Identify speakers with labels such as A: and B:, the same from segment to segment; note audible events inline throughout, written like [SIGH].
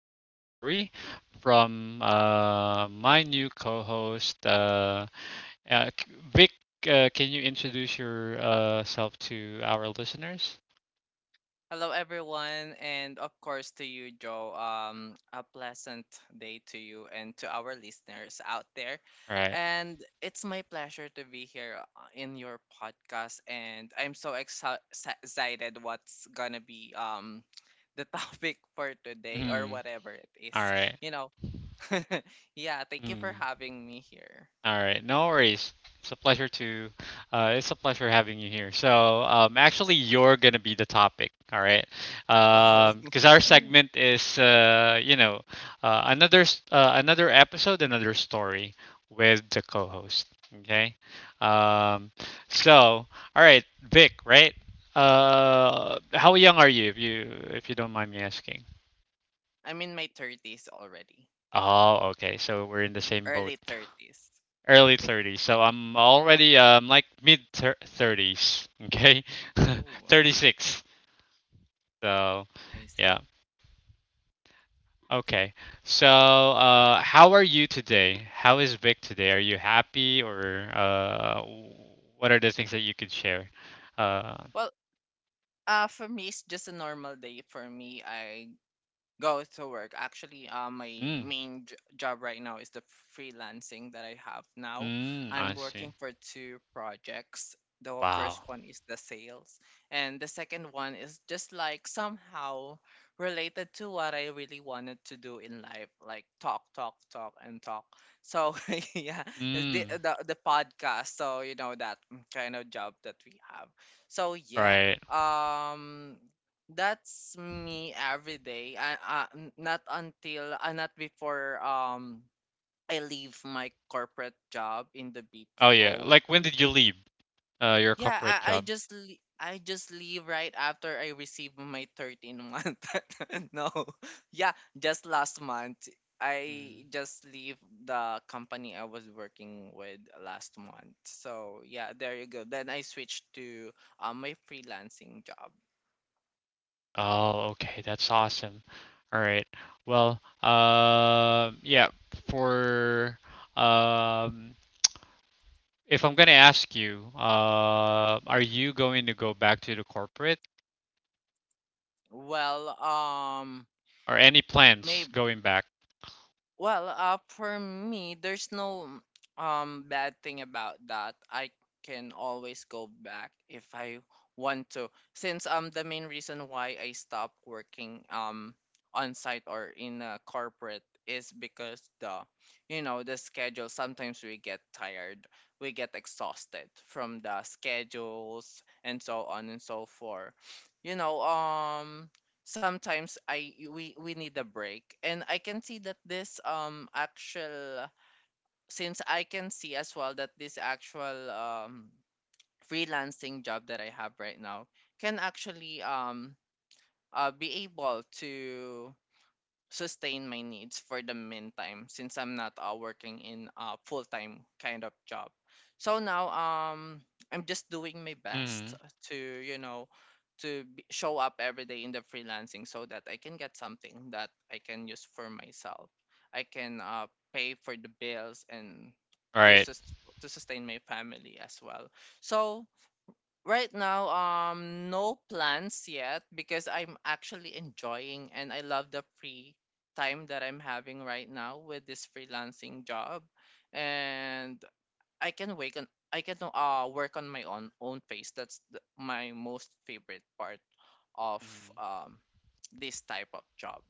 A: another story from my new co host, Vic. Can you introduce yourself to our listeners?
B: Hello, everyone, and of course to you, Joe. A pleasant day to you and to our listeners out there.
A: All right.
B: And it's my pleasure to be here in your podcast, and I'm so excited what's gonna be the [LAUGHS] topic for today or
A: Mhm.
B: whatever it
A: All
B: is.
A: right.
B: You know, [LAUGHS] yeah. Thank you for
A: Mm-hmm.
B: having me here.
A: All right, no worries. It's a pleasure to, it's a pleasure having you here. So, actually, you're gonna be the topic, all right?
B: Oh,
A: Because our segment is, another episode, another story with the co-host. Okay. Um, so, all right, Vic, right? How young are you, if you don't mind me asking?
B: [LAUGHS] I'm in my thirties already,
A: Oh, okay. So we're in the same boat.
B: early 30s.
A: Early 30s, so I'm already like 30s. Okay.
B: Oh,
A: [LAUGHS]
B: wow,
A: 36. So,
B: I
A: yeah.
B: see.
A: Okay. So how are you today? How is Vic today? Are you happy, or what are the things that you could share? uh
B: Well, for me, it's just a normal day for me. I go to work. Actually, my
A: mm,
B: main job right now is the freelancing that I have now.
A: mm,
B: I'm
A: I see.
B: working for two projects. The
A: Wow.
B: first one is the sales, and the second one is just like somehow related to what I really wanted to do in life, like talk, talk, talk, and talk. So [LAUGHS] yeah, the,
A: Mm,
B: the the podcast. So you know that kind of job that we have. So yeah,
A: right.
B: um that's me every day. Not until not before I leave my corporate job in the
A: Oh yeah,
B: BPO.
A: like when did you leave your
B: Yeah,
A: corporate job?
B: I just leave right after I receive my 13 month. [LAUGHS] No. Yeah, just last month
A: Mm.
B: I just leave the company I was working with last month. So, yeah, there you go. Then I switched to my freelancing job.
A: Oh, okay, that's awesome. All right. Well, yeah, for um, if I'm gonna ask you, are you going to go back to the corporate
B: Well, um
A: or any
B: may
A: plans going back?
B: Well, for me, there's no bad thing about that. I can always go back if I want to. Since the main reason why I stopped working on site or in a corporate is because the you know the schedule, sometimes we get tired, we get exhausted from the schedules and so on and so forth, you know. Um sometimes I we we need a break. And I can see that this actual since I can see as well that this actual freelancing job that I have right now can actually be able to sustain my needs for the meantime, since I'm not working in a full-time kind of job. So now, I'm just doing my best
A: Mm-hmm.
B: to, you know, show up every day in the freelancing so that I can get something that I can use for myself. I can pay for the bills and
A: All
B: to
A: right.
B: sus- to sustain my family as well. So right now, no plans yet because I'm actually enjoying and I love the free time that I'm having right now with this freelancing job, and I can wake on I can work on my own pace. That's my most favorite part of
A: Mm-hmm.
B: um this type of job.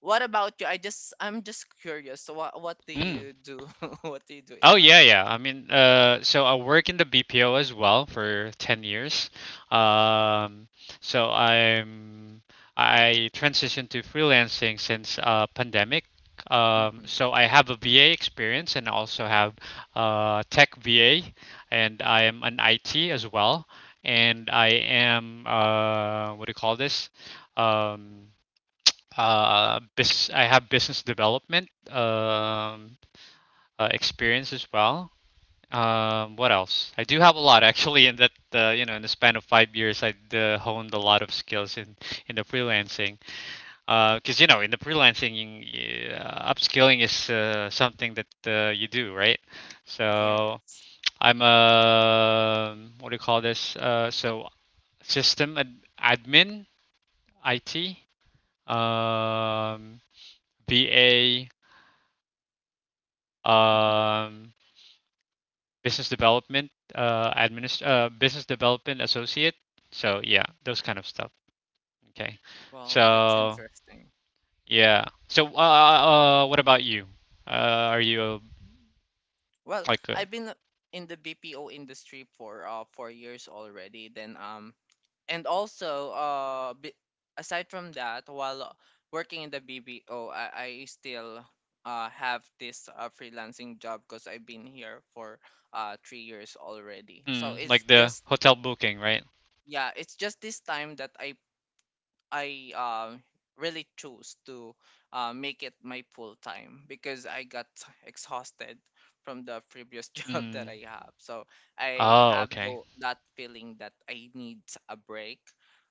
B: What about you? I'm just curious. So what do
A: Mm.
B: you do? [LAUGHS] What do you do
A: Oh
B: in
A: yeah,
B: life?
A: yeah. I mean, so I work in the BPO as well for 10 years. Um, so I transitioned to freelancing since pandemic.
B: Mm-hmm.
A: So I have a VA experience and also have tech VA, and I am an IT as well. And I am, what do you call this? Um, bus I have business development, experience as well. What else? I do have a lot, actually. In that, in the span of 5 years, I honed a lot of skills in the freelancing. Because, in the freelancing, upskilling is, something that you do, right? So
B: Yes.
A: I'm a, what do you call this? So, admin, IT, um, VA,
B: Mm-hmm.
A: Um, business development, business development associate. So, yeah, those kind of stuff. Okay.
B: Wow, that's
A: So,
B: interesting.
A: yeah. So what about you? Are you
B: Well,
A: like uh,
B: I've been in the BPO industry for 4 years already. Then and also b- Aside from that, while working in the BPO, I still have this freelancing job because I've been here for 3 years already.
A: mm, like the hotel booking, right?
B: Yeah, it's just this time that I really chose to make it my full time because I got exhausted from the previous [LAUGHS] job that
A: Mm.
B: I have. So I
A: Oh,
B: have
A: okay.
B: that feeling that I need a break.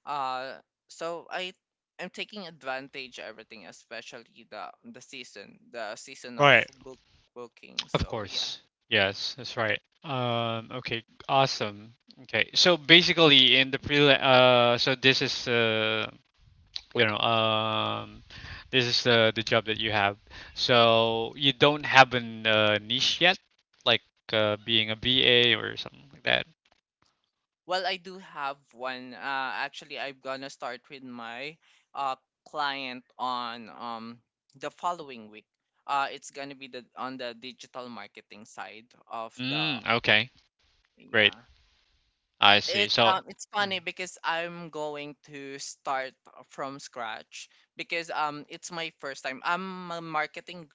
B: Uh, so I I'm taking advantage everything, especially the season of
A: Right.
B: book booking.
A: Of
B: So yeah.
A: course. Yes, that's right. Okay, awesome. Okay. So basically, in the pre so this is, you know um this is the job that you have. So you don't have an niche yet, like being a BA or something like that.
B: Well, I do have one. Actually, I'm gonna start with my uh client on the following week. It's gonna be the on the digital marketing side of the,
A: Mm, okay, great.
B: yeah.
A: I see. So,
B: It's funny
A: mm.
B: because I'm going to start from scratch because it's my first time. I'm a marketing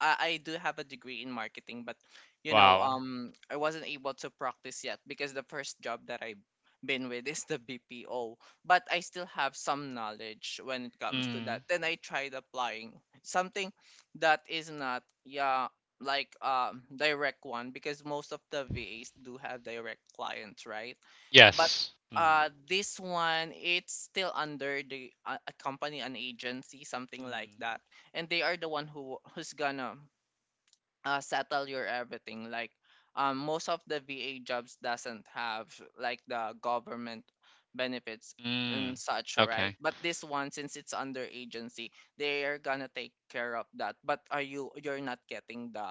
B: I, I do have a degree in marketing, but, you know,
A: Wow.
B: I wasn't able to practice yet because the first job that I've been with is the BPO. But I still have some knowledge when it comes to that.
A: Mm,
B: Then I tried applying something that is not yeah like direct one because most of the VAs do have direct clients, right? but
A: yes. Mm.
B: uh this one, it's still under the a company, an agency, something like
A: Mm.
B: that, and they are the one who who's gonna settle your everything, like, most of the va jobs doesn't have like the government benefits and
A: Mm,
B: such, right?
A: okay.
B: But this one, since it's under agency, they are gonna take care of that. But are you you're not getting the,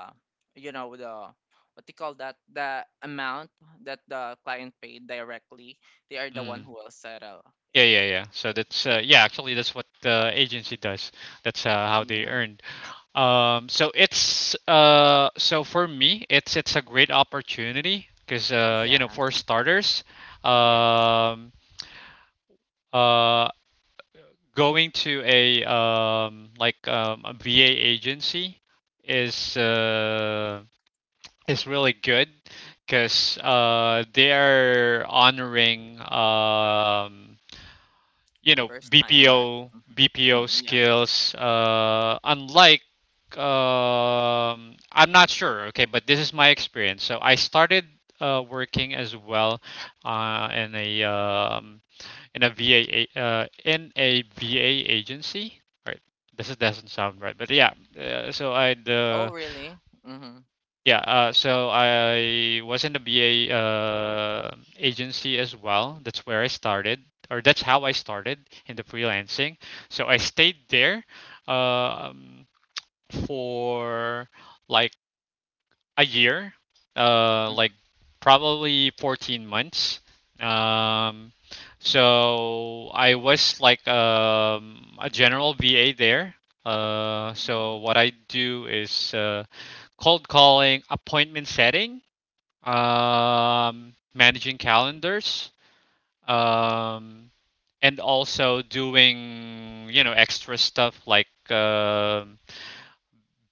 B: you know, the what do you call that, the amount that the client paid directly. They are the one
A: Mm.
B: who will settle
A: Yeah,
B: it.
A: yeah, yeah. So
B: Right.
A: that's, yeah, actually that's what the agency does. That's,
B: uh,
A: how they
B: yeah
A: earn. So it's, so for me, it's a great opportunity because,
B: yes,
A: for starters,
B: yes.
A: um, uh, going to a, like, a VA agency is, is really good because, they are honoring,
B: First timers. Mhm.
A: BPO
B: Mm, yeah.
A: skills. Unlike, I'm not sure. Okay, but this is my experience. So I started working as well uh, in a um, in a V A in a V A agency. Right. This is, doesn't sound right, but yeah.
B: Oh really? Mm-hmm.
A: So I was in the BA, agency as well. That's where I started, or that's how I started in the freelancing. So I stayed there, um, for like a year, like
B: Mhm,
A: probably 14 months. Um, so I was like, a general BA there.
B: mhm,
A: So what I do is, cold calling, appointment setting, managing calendars, um, and also doing, extra stuff like,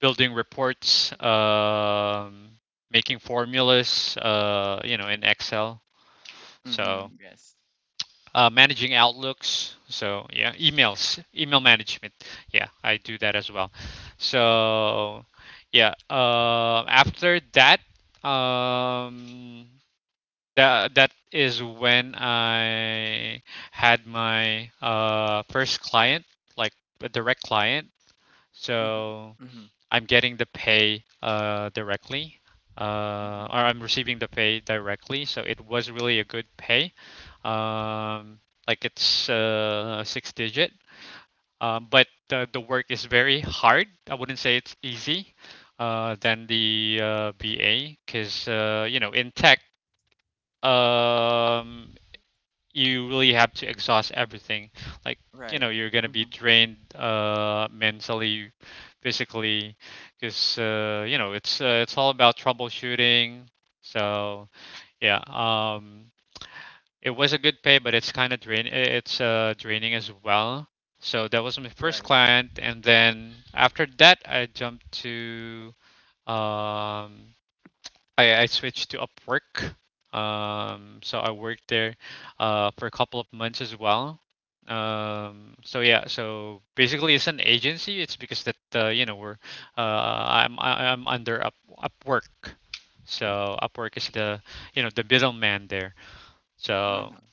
A: building reports, making formulas, in Excel. So,
B: mhm, yes.
A: managing outlooks. So, yeah, emails, email management. Yeah, I do that as well. So, yeah, after that, um, that is when I had my first client, like a direct client.
B: Mhm,
A: So
B: mhm,
A: I'm getting the pay directly,
B: mhm.
A: or I'm receiving the pay directly. So it was really a good pay. Um, like it's six digit. But the work is very hard. I wouldn't say it's easy. Than the, BA, because, in tech, um, you really have to exhaust everything. Like,
B: Right.
A: you're gonna be
B: Mhm,
A: drained, mentally, physically, because, it's, it's all about troubleshooting. So, yeah, it was a good pay, but it's kind of drain. It's, draining as well. So that was my first
B: right.
A: client, and then after that, um, I switched to Upwork. So I worked there for a couple of months as well. So, yeah, so basically it's an agency. It's because that, you know, I'm under Upwork. So Upwork is the you know the middleman there. So,
B: Uh-huh.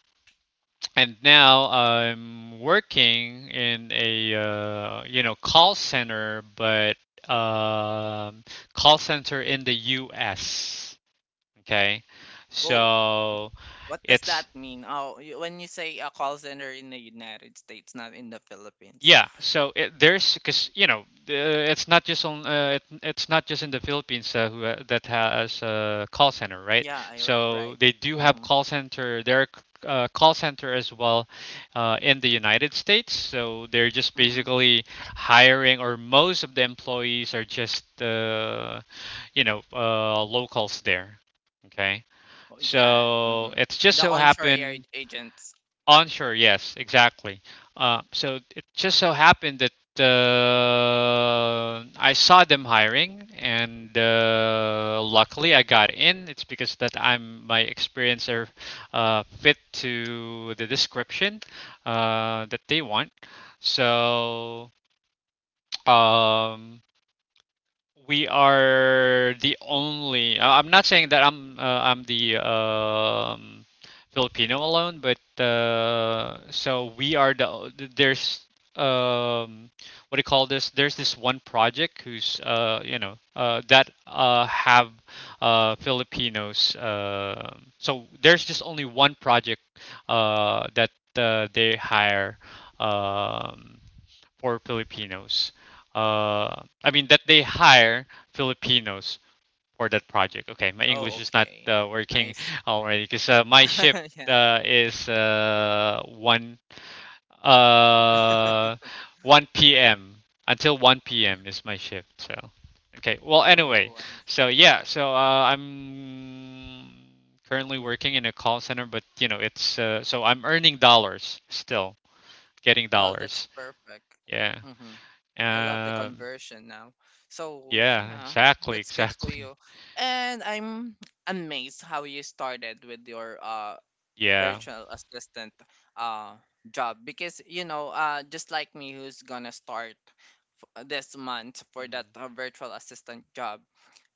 A: and now I'm working in a, call center, but, um, call center in the U.S. Okay,
B: Oh,
A: so
B: what does
A: it's,
B: that mean? Oh, when you say a call center in the United States, not in the Philippines.
A: yeah. So there's because, it's not just in the Philippines, who, that has a call center, right?
B: Yeah,
A: So
B: right.
A: they do have
B: Mhm,
A: call center. There are, call center as well, in the United States. So they're just
B: mhm.
A: basically hiring, or most of the employees are just, locals there. Okay,
B: Oh, yeah.
A: so
B: Mhm.
A: it's just so
B: The onshore air
A: happened.
B: agents.
A: Onshore, yes, exactly. So it just so happened that, I saw them hiring, and, luckily I got in. It's because that I'm my experience are, fit to the description, that they want. So, um, we are the only. I'm not saying that, I'm the, Filipino alone, but, so we are there's, um, what do you call this? There's this one project who's, that, have, Filipinos. So there's just only one project, that they hire. Um, for Filipinos. Uh, I mean that they hire Filipinos for that project. Okay, my
B: Oh,
A: English is not
B: okay. I
A: working
B: s-
A: already because, my ship,
B: [LAUGHS] yeah.
A: is, uh, 1 p.m. until 1 p.m. is my shift. So, okay. Well,
B: Oh,
A: anyway,
B: I s-
A: so, yeah, so, I'm currently working in a call center, but you know it's, so I'm earning dollars still, getting
B: Well, that's
A: dollars.
B: perfect.
A: Yeah.
B: Mhm. I love the
A: Um,
B: conversion now. So
A: Yeah,
B: yeah,
A: exactly,
B: that's good for
A: exactly.
B: you.
A: [LAUGHS]
B: And I'm amazed how you started with your
A: Yeah.
B: virtual assistant uh job because, you know, just like me, who's gonna start this month for that
A: Mm.
B: virtual assistant job,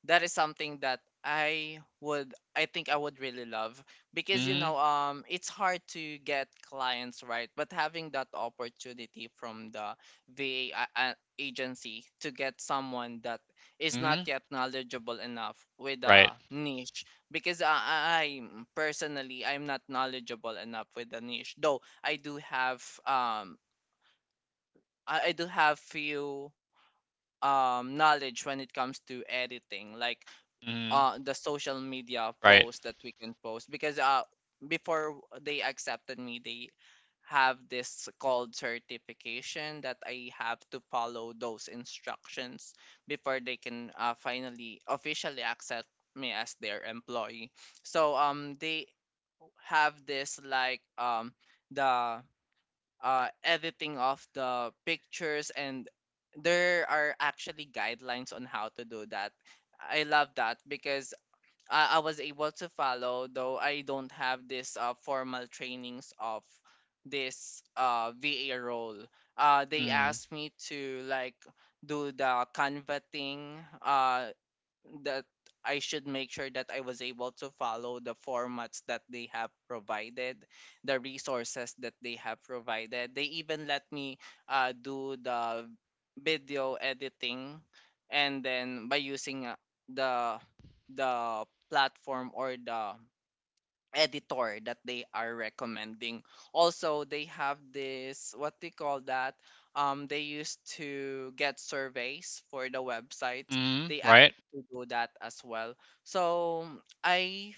B: that is something that I think I would really love because, you know,
A: Mhm.
B: it's hard to get clients, right? But having that opportunity from the VA agency to get someone that is not
A: Mhm.
B: yet knowledgeable enough with
A: Right.
B: a niche, because I personally I'm not knowledgeable enough with the niche, though I do have I do have few knowledge when it comes to editing, like
A: Mhm.
B: the social media
A: Right.
B: post that we can post, because before they accepted me, they have this called certification that I have to follow those instructions before they can finally officially accept me as their employee. So they have this like the editing of the pictures, and there are actually guidelines on how to do that. I love that because I was able to follow, though I don't have this formal trainings of this VA role. They
A: Mm.
B: asked me to like do the Canva thing. That I should make sure that I was able to follow the formats that they have provided, the resources that they have provided. They even let me do the video editing, and then by using the the platform or the editor that they are recommending. Also, they have this what they call that. They used to get surveys for the website.
A: Mhm.
B: They asked
A: Right.
B: me to do that as well. So I,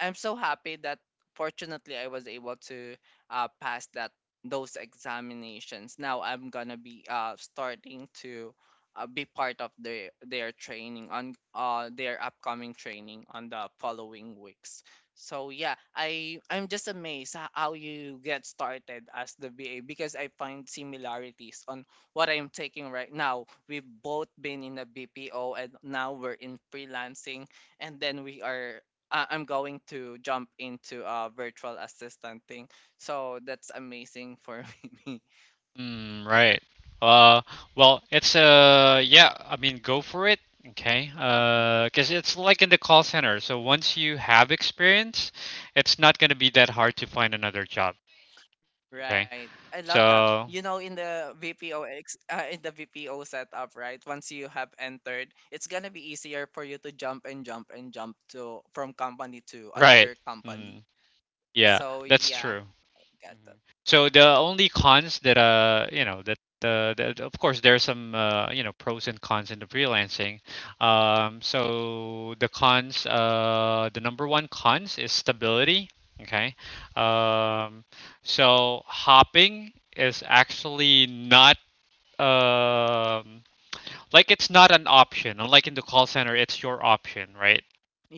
B: I'm so happy that fortunately I was able to pass that those examinations. Now I'm gonna be starting to be part of their training on their upcoming training on the following weeks. So yeah, I'm just amazed how you get started as the BA, because I find similarities on what I'm taking right now. We've both been in a BPO and now we're in freelancing, and then I'm going to jump into a virtual assistant thing. So that's amazing for [LAUGHS] me.
A: Mm. Right. Uh, well, it's, yeah. I mean, go for it. Okay.
B: Mhm.
A: 'Cause it's like in the call center. So once you have experience, it's not gonna be that hard to find another job.
B: Right. I
A: Okay.
B: love that. You know, in
A: So
B: the VPO setup, right? Once you have entered, it's gonna be easier for you to jump and jump and jump to from company to another
A: right.
B: company.
A: Mm. Yeah,
B: So
A: that's
B: yeah,
A: true.
B: got that.
A: Mhm. So the only cons that, that of course there are some, pros and cons in the freelancing. So the cons, the number one cons is stability. Okay. Um, so hopping is actually not, um like, it's not an option. Unlike in the call center, it's your option, right?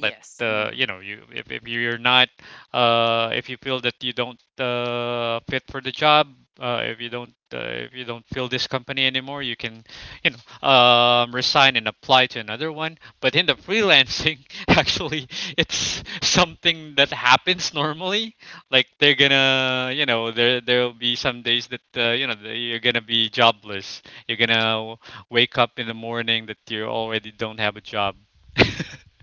A: Let, the
B: Hmm.
A: you, if you're not, if you feel that you don't fit for the job, if you don't, if you don't feel this company anymore, you can, resign and apply to another one, but in the freelancing, [LAUGHS] actually it's something that happens normally. Like they're gonna, there'll be some days that, that you're gonna be jobless. You're gonna wake up in the morning that you already don't have a job. [LAUGHS]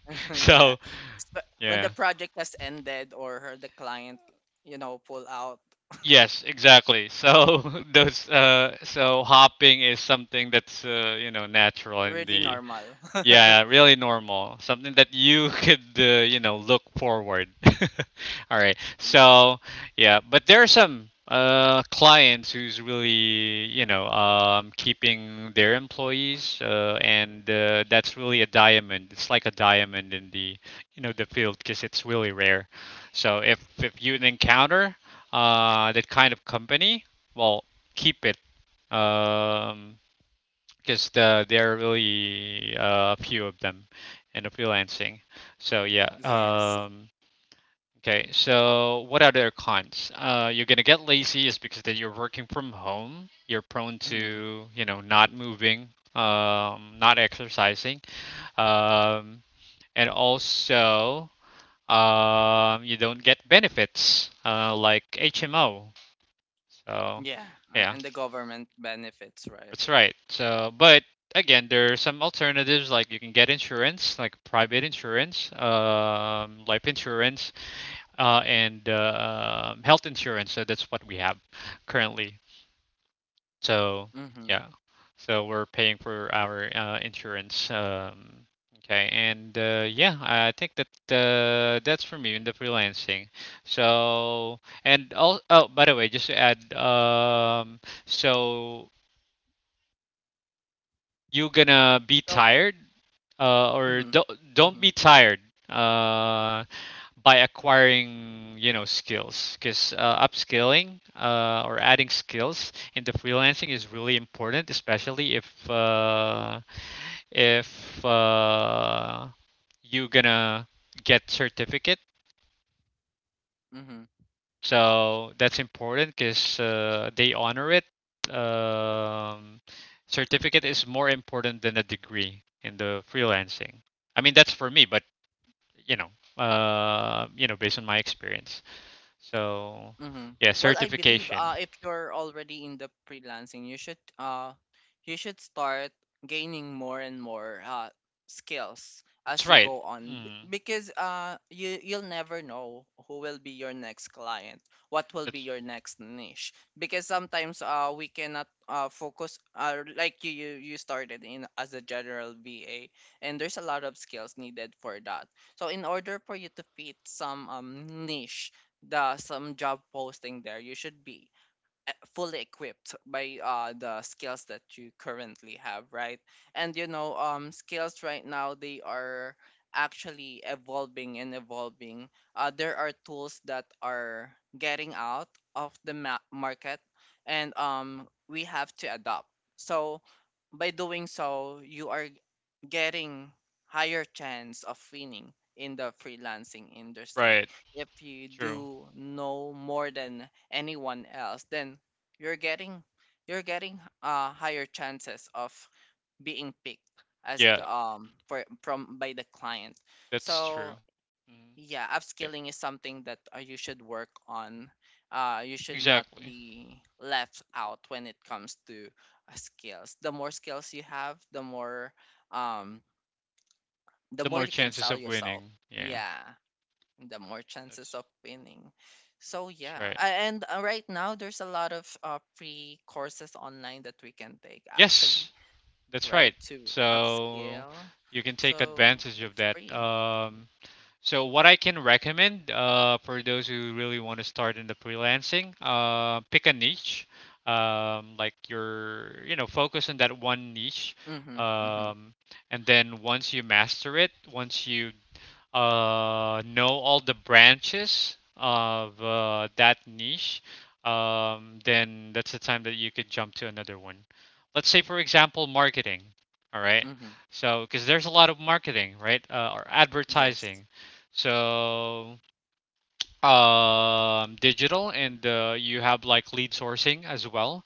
B: [LAUGHS] Yeah.
A: So,
B: Sp- When the
A: yeah.
B: project has ended or the client, you know, pull out,
A: Yes, exactly. So, [LAUGHS] those, so hopping is something that's, you know, natural in
B: really
A: the.
B: normal. [LAUGHS]
A: Yeah, really normal. Something that you [LAUGHS] could, you know, look forward. [LAUGHS] All right.
B: Yeah.
A: So, yeah, but there are some, clients who's really, you know, keeping their employees, and, that's really a diamond. It's like a diamond in the field because it's really rare. So if, you encounter, that kind of company, well, keep it. Um, because, there are really, a few of them in the freelancing. So, yeah.
B: Yes.
A: Okay. So what are their cons? You're gonna get lazy, is because that you're working from home. You're prone
B: Hmm.
A: to, not moving, not exercising, um, and also, you don't get benefits, like HMO. So,
B: Yeah.
A: yeah.
B: And the government benefits, right?
A: That's right. So, but again, there are some alternatives, like you can get insurance, like private insurance, life insurance, and health insurance. So that's what we have currently. So,
B: Mm-hmm.
A: yeah, so we're paying for our, insurance. I think that that's for me in the freelancing. So and all. Oh, by the way, just to add, so you gonna be
B: So.
A: tired
B: Mm-hmm.
A: or don't
B: Mm-hmm.
A: don't be tired uh, by acquiring skills because upskilling or adding skills in the freelancing is really important especially if you gonna get certificate
B: Mm-hmm.
A: so that's important because they honor it. um, Certificate is more important than a degree in the freelancing. I mean that's for me but you know, you know, based on my experience. So,
B: Mm-hmm.
A: yeah,
B: Well, I believe
A: certification.
B: if you're already in the freelancing, you should start gaining more and more skills
A: That's
B: as you
A: right.
B: go on.
A: Mm,
B: Because you, you'll never know who will be your next client, what will be
A: that's
B: your next niche, because sometimes we cannot focus, like you started in as a general VA, and there's a lot of skills needed for that. So in order for you to fit some niche, the some job posting there, you should be fully equipped by the skills that you currently have, right? And you know, skills right now, they are actually evolving and evolving. There are tools that are getting out of the market, and we have to adopt. So by doing so, you are getting higher chance of winning in the freelancing industry.
A: right.
B: If you
A: True.
B: do know more than anyone else, then you're getting, you're getting higher chances of being picked as
A: Yeah,
B: the, for from by the client.
A: that's true.
B: So
A: Mm,
B: yeah,
A: yeah, e-
B: upskilling is something that you should work on. You should not
A: exactly.
B: be left out when it comes to skills. The more skills you have, um the
A: The
B: more
A: more
B: you can
A: chances
B: sell
A: of
B: yourself.
A: winning. Yeah,
B: Yeah, the more chances
A: that's
B: of winning. So
A: that's
B: yeah,
A: right.
B: A- and right now there's a lot of free courses online that we can take, actually,
A: Yes, that's
B: right,
A: right.
B: to
A: So
B: upscale.
A: you can take
B: So
A: advantage of
B: it's
A: that.
B: free.
A: So what I can recommend, for those who really want to start in the freelancing, pick a niche, like your, focus on that one niche,
B: Mhm. Mhm.
A: um, and then once you master it, once you know all the branches of that niche, then that's the time that you could jump to another one. Let's say, for example, marketing. All right.
B: Mhm.
A: So, because there's a lot of marketing, right? Or
B: Yes.
A: advertising. So, digital, and you have like lead sourcing as well.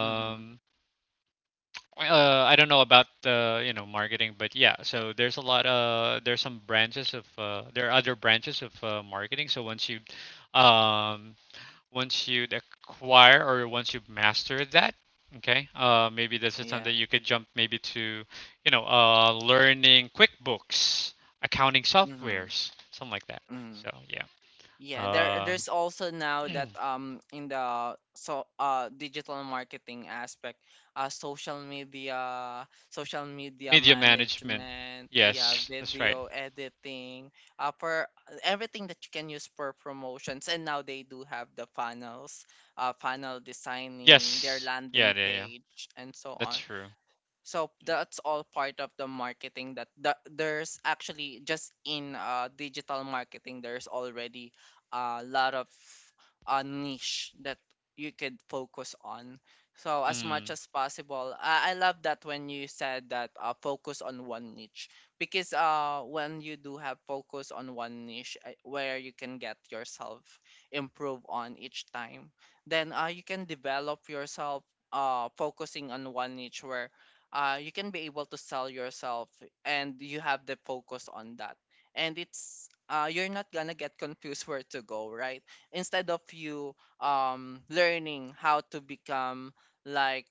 B: Mhm.
A: I don't know about marketing, but yeah. So there's a lot. There are other branches of marketing. So um, once you acquire or once you master that, okay. Maybe this is something
B: Yeah.
A: that you could jump maybe to, learning QuickBooks, accounting
B: Mhm.
A: softwares, something like that.
B: Mhm.
A: So yeah.
B: Yeah, there
A: Uh,
B: there's also now
A: [CLEARS THROAT]
B: that in the so digital marketing aspect, social media
A: media management.
B: management, yeah,
A: Yes, that's right.
B: video editing, for everything that you can use for promotions. And now they do have the funnels, funnel designing, their
A: Yes. Yeah.
B: landing
A: Yeah. Yeah.
B: page, and so
A: That's
B: on.
A: true.
B: So that's all part of the marketing that the, there's actually just in digital marketing, there's already a lot of niche that you could focus on. So as much
A: Mm.
B: as possible, I love that when you said that focus on one niche, because when you do have focus on one niche, where you can get yourself improve on each time, then you can develop yourself focusing on one niche where you can be able to sell yourself, and you have the focus on that, and it's you're not gonna get confused [LAUGHS] where to go, right, instead of you learning how to become like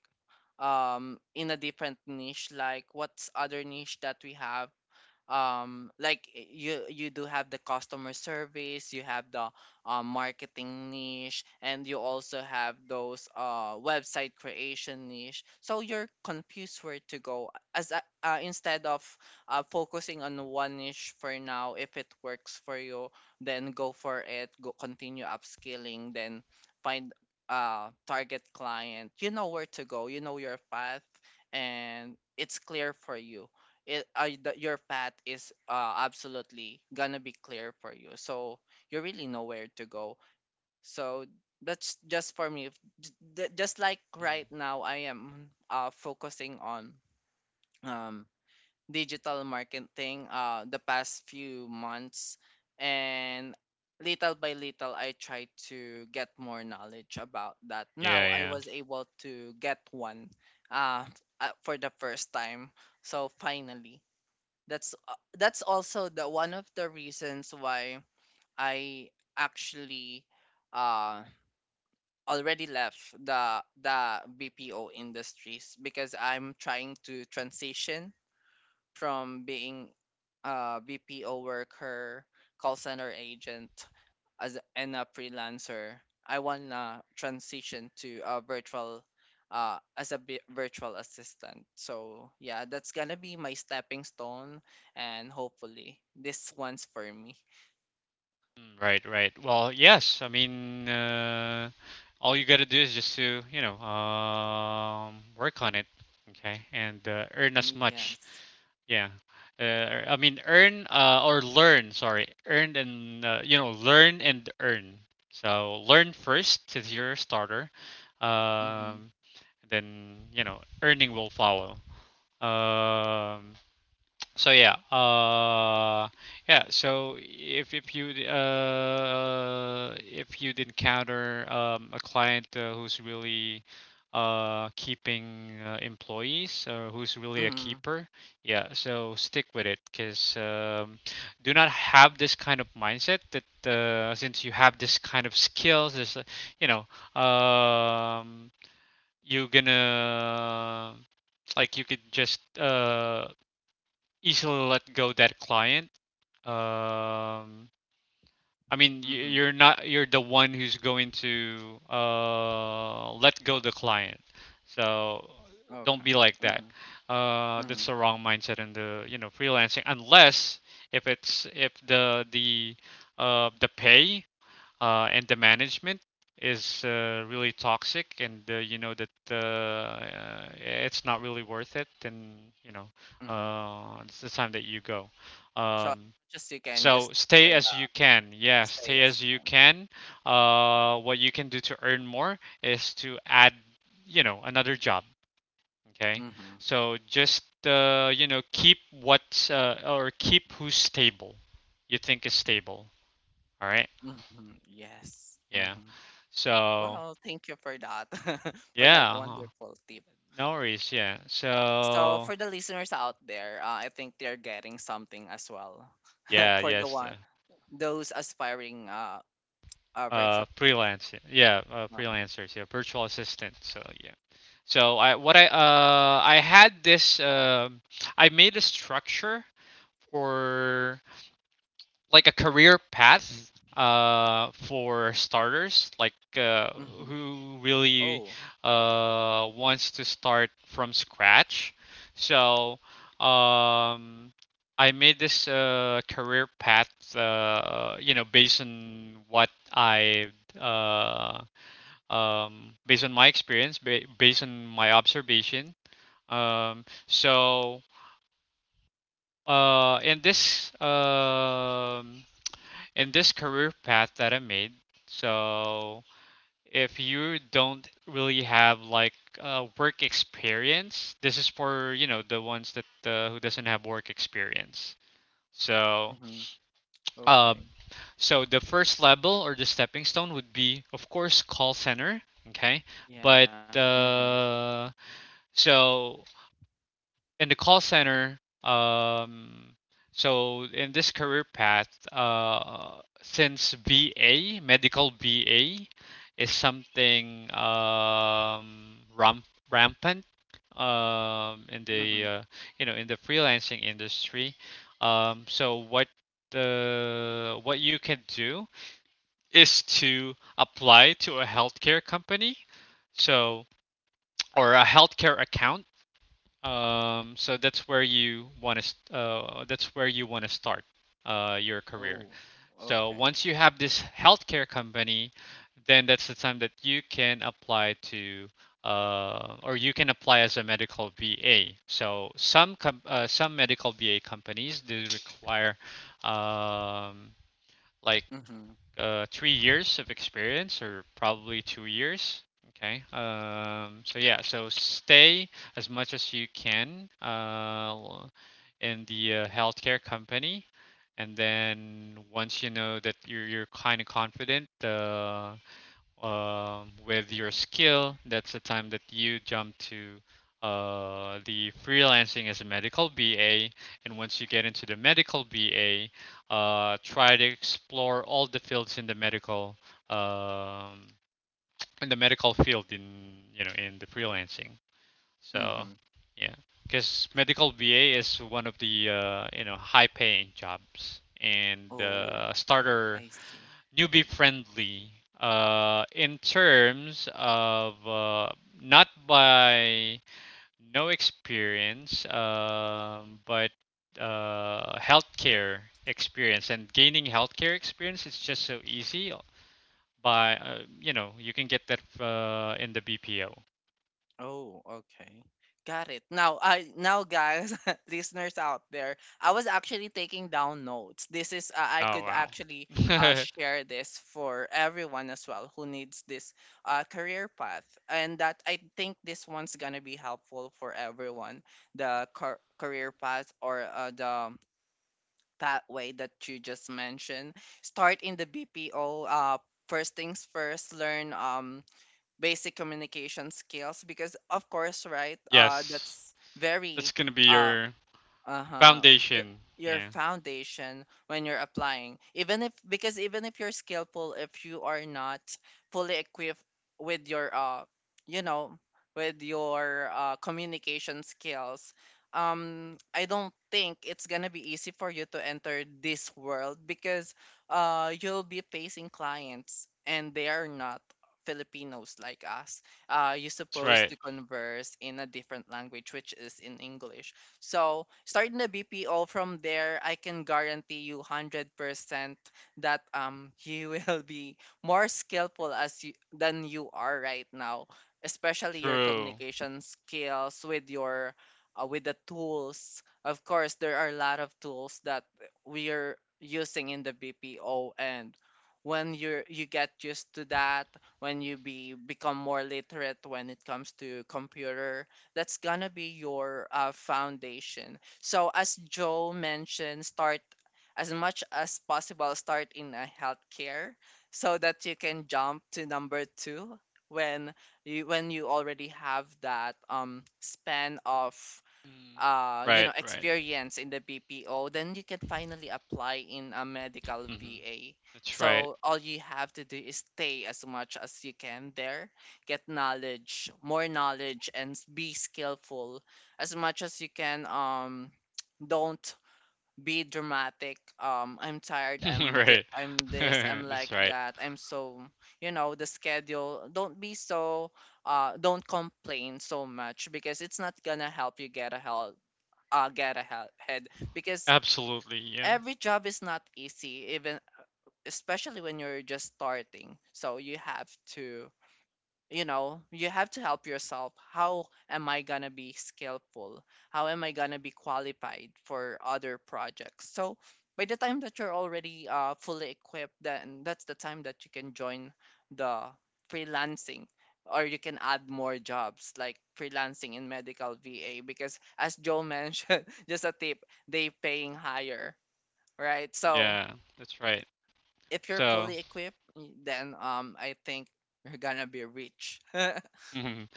B: in a different niche, like what's other niche that we have, like you do have the customer service, you have the marketing niche, and you also have those website creation niche, so you're confused where to go as instead of focusing on one niche for now, if it works for you, then go for it, go continue upscaling, then find target client, you know where to go, you know your path, and it's clear for you. Your path is absolutely gonna be clear for you, so you really know where to go. So that's just for me. Just like
A: Mm.
B: right now, I am focusing on um, digital marketing the past few months, and little by little I try to get more knowledge about that. Now
A: Yeah,
B: I
A: yeah.
B: was able to get one, uh, for the first time, so finally, that's also the one of the reasons why I actually uh already left the BPO industries, because I'm trying to transition from being a BPO worker, call center agent, as and a freelancer. I wanna transition to a virtual, as a bi- virtual assistant. So yeah, that's gonna be my stepping stone, and hopefully this one's for me.
A: Mm, right, right. Well, yes. All you gotta do is just to, work on it, okay, and earn as much.
B: Yes.
A: Yeah. I mean, earn or learn. Sorry, earn and learn and earn. So learn first since you're a starter.
B: Mhm.
A: Um, then earning will follow. Um, So yeah, uh, yeah. So if you'd encounter a client who's really keeping employees or who's really a
B: Mhm.
A: keeper, yeah. So stick with it, because do not have this kind of mindset that since you have this kind of skills, you know, um, you're gonna like you could just easily let go that client. Um, I mean,
B: Mhm.
A: you're not, you're the one who's going to let go the client. So don't
B: Okay.
A: be like that.
B: Mhm.
A: That's
B: Mhm.
A: the wrong mindset in the freelancing unless if it's if the pay and the management is really toxic and that it's not really worth it, then you know
B: Mhm.
A: it's the time that you go.
B: So
A: um,
B: just you can just
A: so
B: stick
A: stay
B: with
A: as you can, yeah,
B: stay
A: stay
B: as
A: as
B: you
A: you
B: can.
A: can. What you can do to earn more is to add another job, okay,
B: Mhm.
A: so just keep what's or keep who's stable, you think is stable, all right,
B: Hmm. Yes.
A: yeah,
B: Hmm.
A: so.
B: Well, thank you for that, [LAUGHS] for that
A: Yeah, huh.
B: wonderful tip.
A: No worries. Yeah.
B: So,
A: So,
B: for the listeners out there, I think they're getting something as well. [LAUGHS]
A: yeah,
B: For the
A: yes, the,
B: one, those aspiring virtual.
A: freelance. Yeah, yeah,
B: Uh-huh.
A: freelancers. Yeah, virtual assistant. So, yeah. So I had this I made a structure for like a career path for starters like
B: Hmm.
A: who really
B: Oh.
A: wants to start from scratch. So um I made this career path, based on what I uh based on my experience, based on my observation. um so in this in this career path that I made. So if you don't really have like work experience, this is for the ones that who doesn't have work experience. So
B: Hmm.
A: uh,
B: Okay.
A: so the first level or the stepping stone would be of course call center. Okay,
B: Yeah.
A: but
B: Hmm.
A: uh, so in the call center, in this career path since BA medical BA is something rampant in
B: Hmm.
A: the in the freelancing industry, so what you can do is to apply to a healthcare company, so or a healthcare account. So that's where you want to that's where you want to start your career.
B: Oh.
A: So
B: Okay.
A: once you have this healthcare company, then that's the time that you can apply to or you can apply as a medical VA. So some medical VA companies do require um, like
B: Hmm.
A: 3 years of experience or probably 2 years. Okay. So stay as much as you can in the healthcare company, and then once you know that you're kind of confident, with your skill, that's the time that you jump to the freelancing as a medical BA. And once you get into the medical BA, try to explore all the fields in the medical, um, in the medical field, in in the freelancing. So
B: Hmm.
A: yeah, because medical BA is one of the high paying jobs and
B: Oh,
A: starter
B: I see.
A: newbie friendly, in terms of not by no experience, but healthcare experience, and gaining healthcare experience is just so easy by you can get that in the BPO.
B: Oh, okay. Got it. Now, I now guys, [LAUGHS] listeners out there, I was actually taking down notes. This is
A: Oh
B: I could
A: wow.
B: actually
A: [LAUGHS]
B: share this for everyone as well who needs this career path, and that I think this one's gonna be helpful for everyone. The career path, or the pathway that you just mentioned. Start in the BPO. First things first. Learn basic communication skills, because of course, right,
A: Yes,
B: that's
A: that's
B: very
A: gonna be
B: uh
A: your
B: uh-huh your,
A: foundation.
B: your
A: Yeah,
B: foundation when you're applying, even if, because even if you're skillful, if you are not fully equipped with your you know with your communication skills, I don't think it's gonna be easy for you to enter this world, because you'll be facing clients, and they are not Filipinos like us. You're
A: that's
B: supposed
A: right.
B: to converse in a different language, which is in English. So starting the BPO from there, I can guarantee you 100% that you [LAUGHS] will be more skillful as you than you are right now, especially your
A: True.
B: communication skills with your with the tools. Of course, there are a lot of tools that we are using in the BPO, and when you're you get used to that, when you be become more literate when it comes to computer, that's gonna be your foundation. So as Joe mentioned, start as much as possible. Start in a healthcare so that you can jump to number two, when you already have that span of
A: Mm, right, right.
B: experience in the BPO, then you can finally apply in a medical
A: Hmm.
B: VA.
A: That's right.
B: So all you have to do is stay as much as you can there, get knowledge, more knowledge, and be skillful as much as you can. [TSK] Don't be dramatic, I'm tired,
A: [LAUGHS] Right.
B: I'm
A: [LAUGHS]
B: this, I'm like
A: That's right.
B: that, I'm so, you know, the schedule. Don't be so don't complain so much, because it's not gonna help you get a get ahead, because
A: Absolutely. Yeah.
B: every job is not easy, even especially when you're just starting, so you have to, you know, you have to help yourself. How am I going to be skillful? How am I going to be qualified for other projects? So by the time that you're already fully equipped, then that's the time that you can join the freelancing, or you can add more jobs like freelancing in medical VA, because as Joe mentioned, [LAUGHS] just a tip, they paying higher, right? So
A: Yeah. That's right.
B: if you're
A: So,
B: fully equipped, then I think you're gonna be rich. [LAUGHS]
A: [LAUGHS] mhm.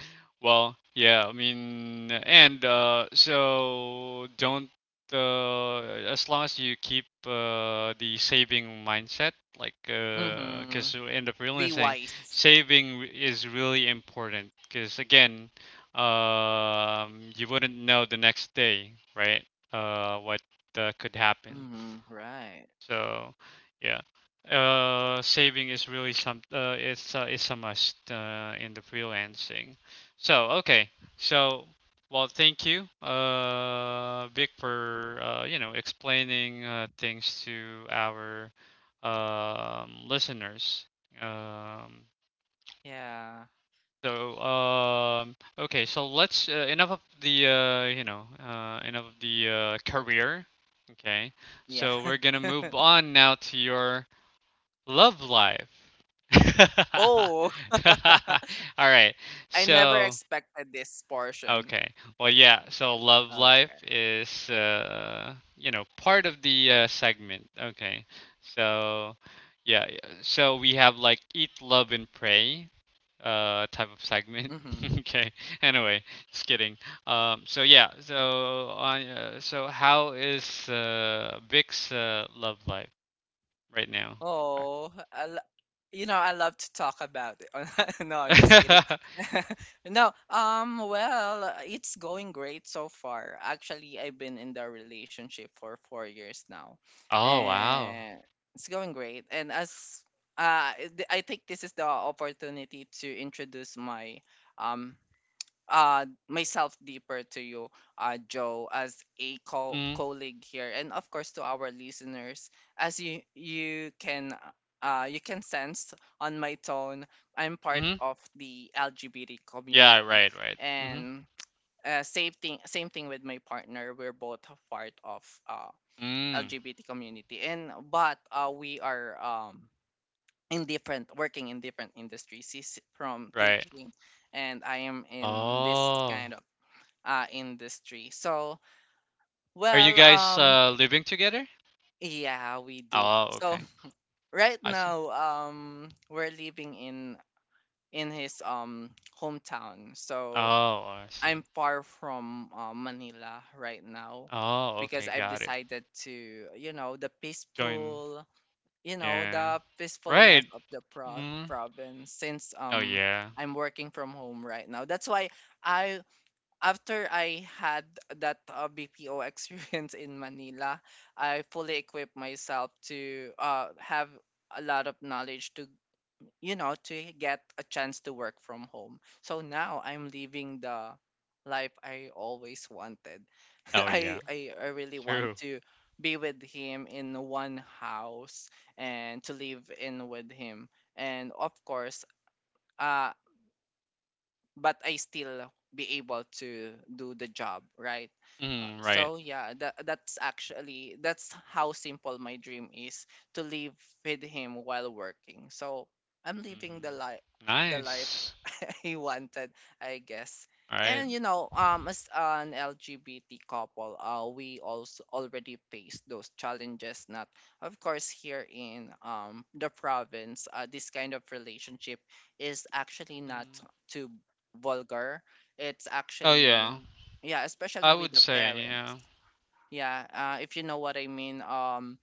A: Well, yeah, I mean, and don't, uh, as long as you keep the saving mindset, like,
B: Mm-hmm.
A: because you end up
B: Be
A: realizing
B: wise.
A: saving is really important. Because again, you wouldn't know the next day, right? What could
B: Mhm,
A: happen.
B: right.
A: So, yeah, saving is really some. It's a must in the freelancing. So okay, so well, thank you, Vic, for explaining things to our listeners. Um,
B: Yeah.
A: okay, so let's enough of the career. Okay,
B: Yeah.
A: so we're gonna move
B: [LAUGHS]
A: on now to your love life. [LAUGHS]
B: Oh,
A: All
B: [LAUGHS]
A: right.
B: I never
A: So,
B: expected this portion.
A: okay. Well, yeah. So, love life
B: Okay.
A: is, part of the segment. Okay. So, yeah, yeah. So, we have like eat, love, and pray type of segment.
B: Hmm.
A: [LAUGHS] Okay, anyway, just kidding. So how is Vic's love life right now?
B: Oh, you know, I love to talk about it. [LAUGHS] No, I'm just kidding.
A: [LAUGHS]
B: [LAUGHS] No, well, it's going great so far. Actually, I've been in the relationship for 4 years now,
A: Oh, wow.
B: and it's going great. And as I think this is the opportunity to introduce my um myself deeper to you, Joe, as a
A: Mhm,
B: colleague here, and of course to our listeners. As you can you can sense on my tone, I'm part
A: mhm.
B: of the LGBT
A: Yeah,
B: community,
A: right, right. Mhm.
B: and same thing with my partner. We're both a part of uh
A: Mm,
B: LGBT community, and but we are in different working in different industries. He's from
A: right.
B: teaching, and I am in this kind
A: Oh.
B: of industry. So,
A: Are you
B: well,
A: guys, living together?
B: yeah, we do.
A: Oh,
B: So
A: okay.
B: [LAUGHS] right
A: I see.
B: now, we're living in his hometown. So
A: Oh, I
B: I'm
A: see.
B: far from Manila right now,
A: Oh,
B: because
A: okay,
B: I've
A: got it.
B: decided to, you know, the
A: Join.
B: peaceful, you know,
A: Yeah.
B: the
A: Right.
B: peacefulness of the
A: Mhm.
B: province, since
A: Oh, yeah.
B: I'm working from home right now. That's why I, after I had that BPO [LAUGHS] experience in Manila, I fully equipped myself to have a lot of knowledge to, you know, to get a chance to work from home. So now I'm living the life I always wanted. [LAUGHS]
A: Oh,
B: I,
A: yeah.
B: I, I really want
A: True.
B: to be with him in one house, and to live in with him. And of course, uh, but I still be able to do the job, right?
A: Mm, right.
B: So yeah, that that's actually that's how simple my dream is, to live with him while working. So I'm living
A: Mm.
B: the life
A: Nice.
B: he wanted, I guess.
A: Alright.
B: And you know, as an LGBT couple, we also already faced those challenges. Not, of course, here in the province, this kind of relationship is actually not
A: Mm.
B: too vulgar. It's
A: Oh,
B: actually,
A: yeah.
B: yeah, especially
A: I
B: with
A: would
B: the
A: say,
B: parents.
A: yeah.
B: Yeah, if you know what I mean.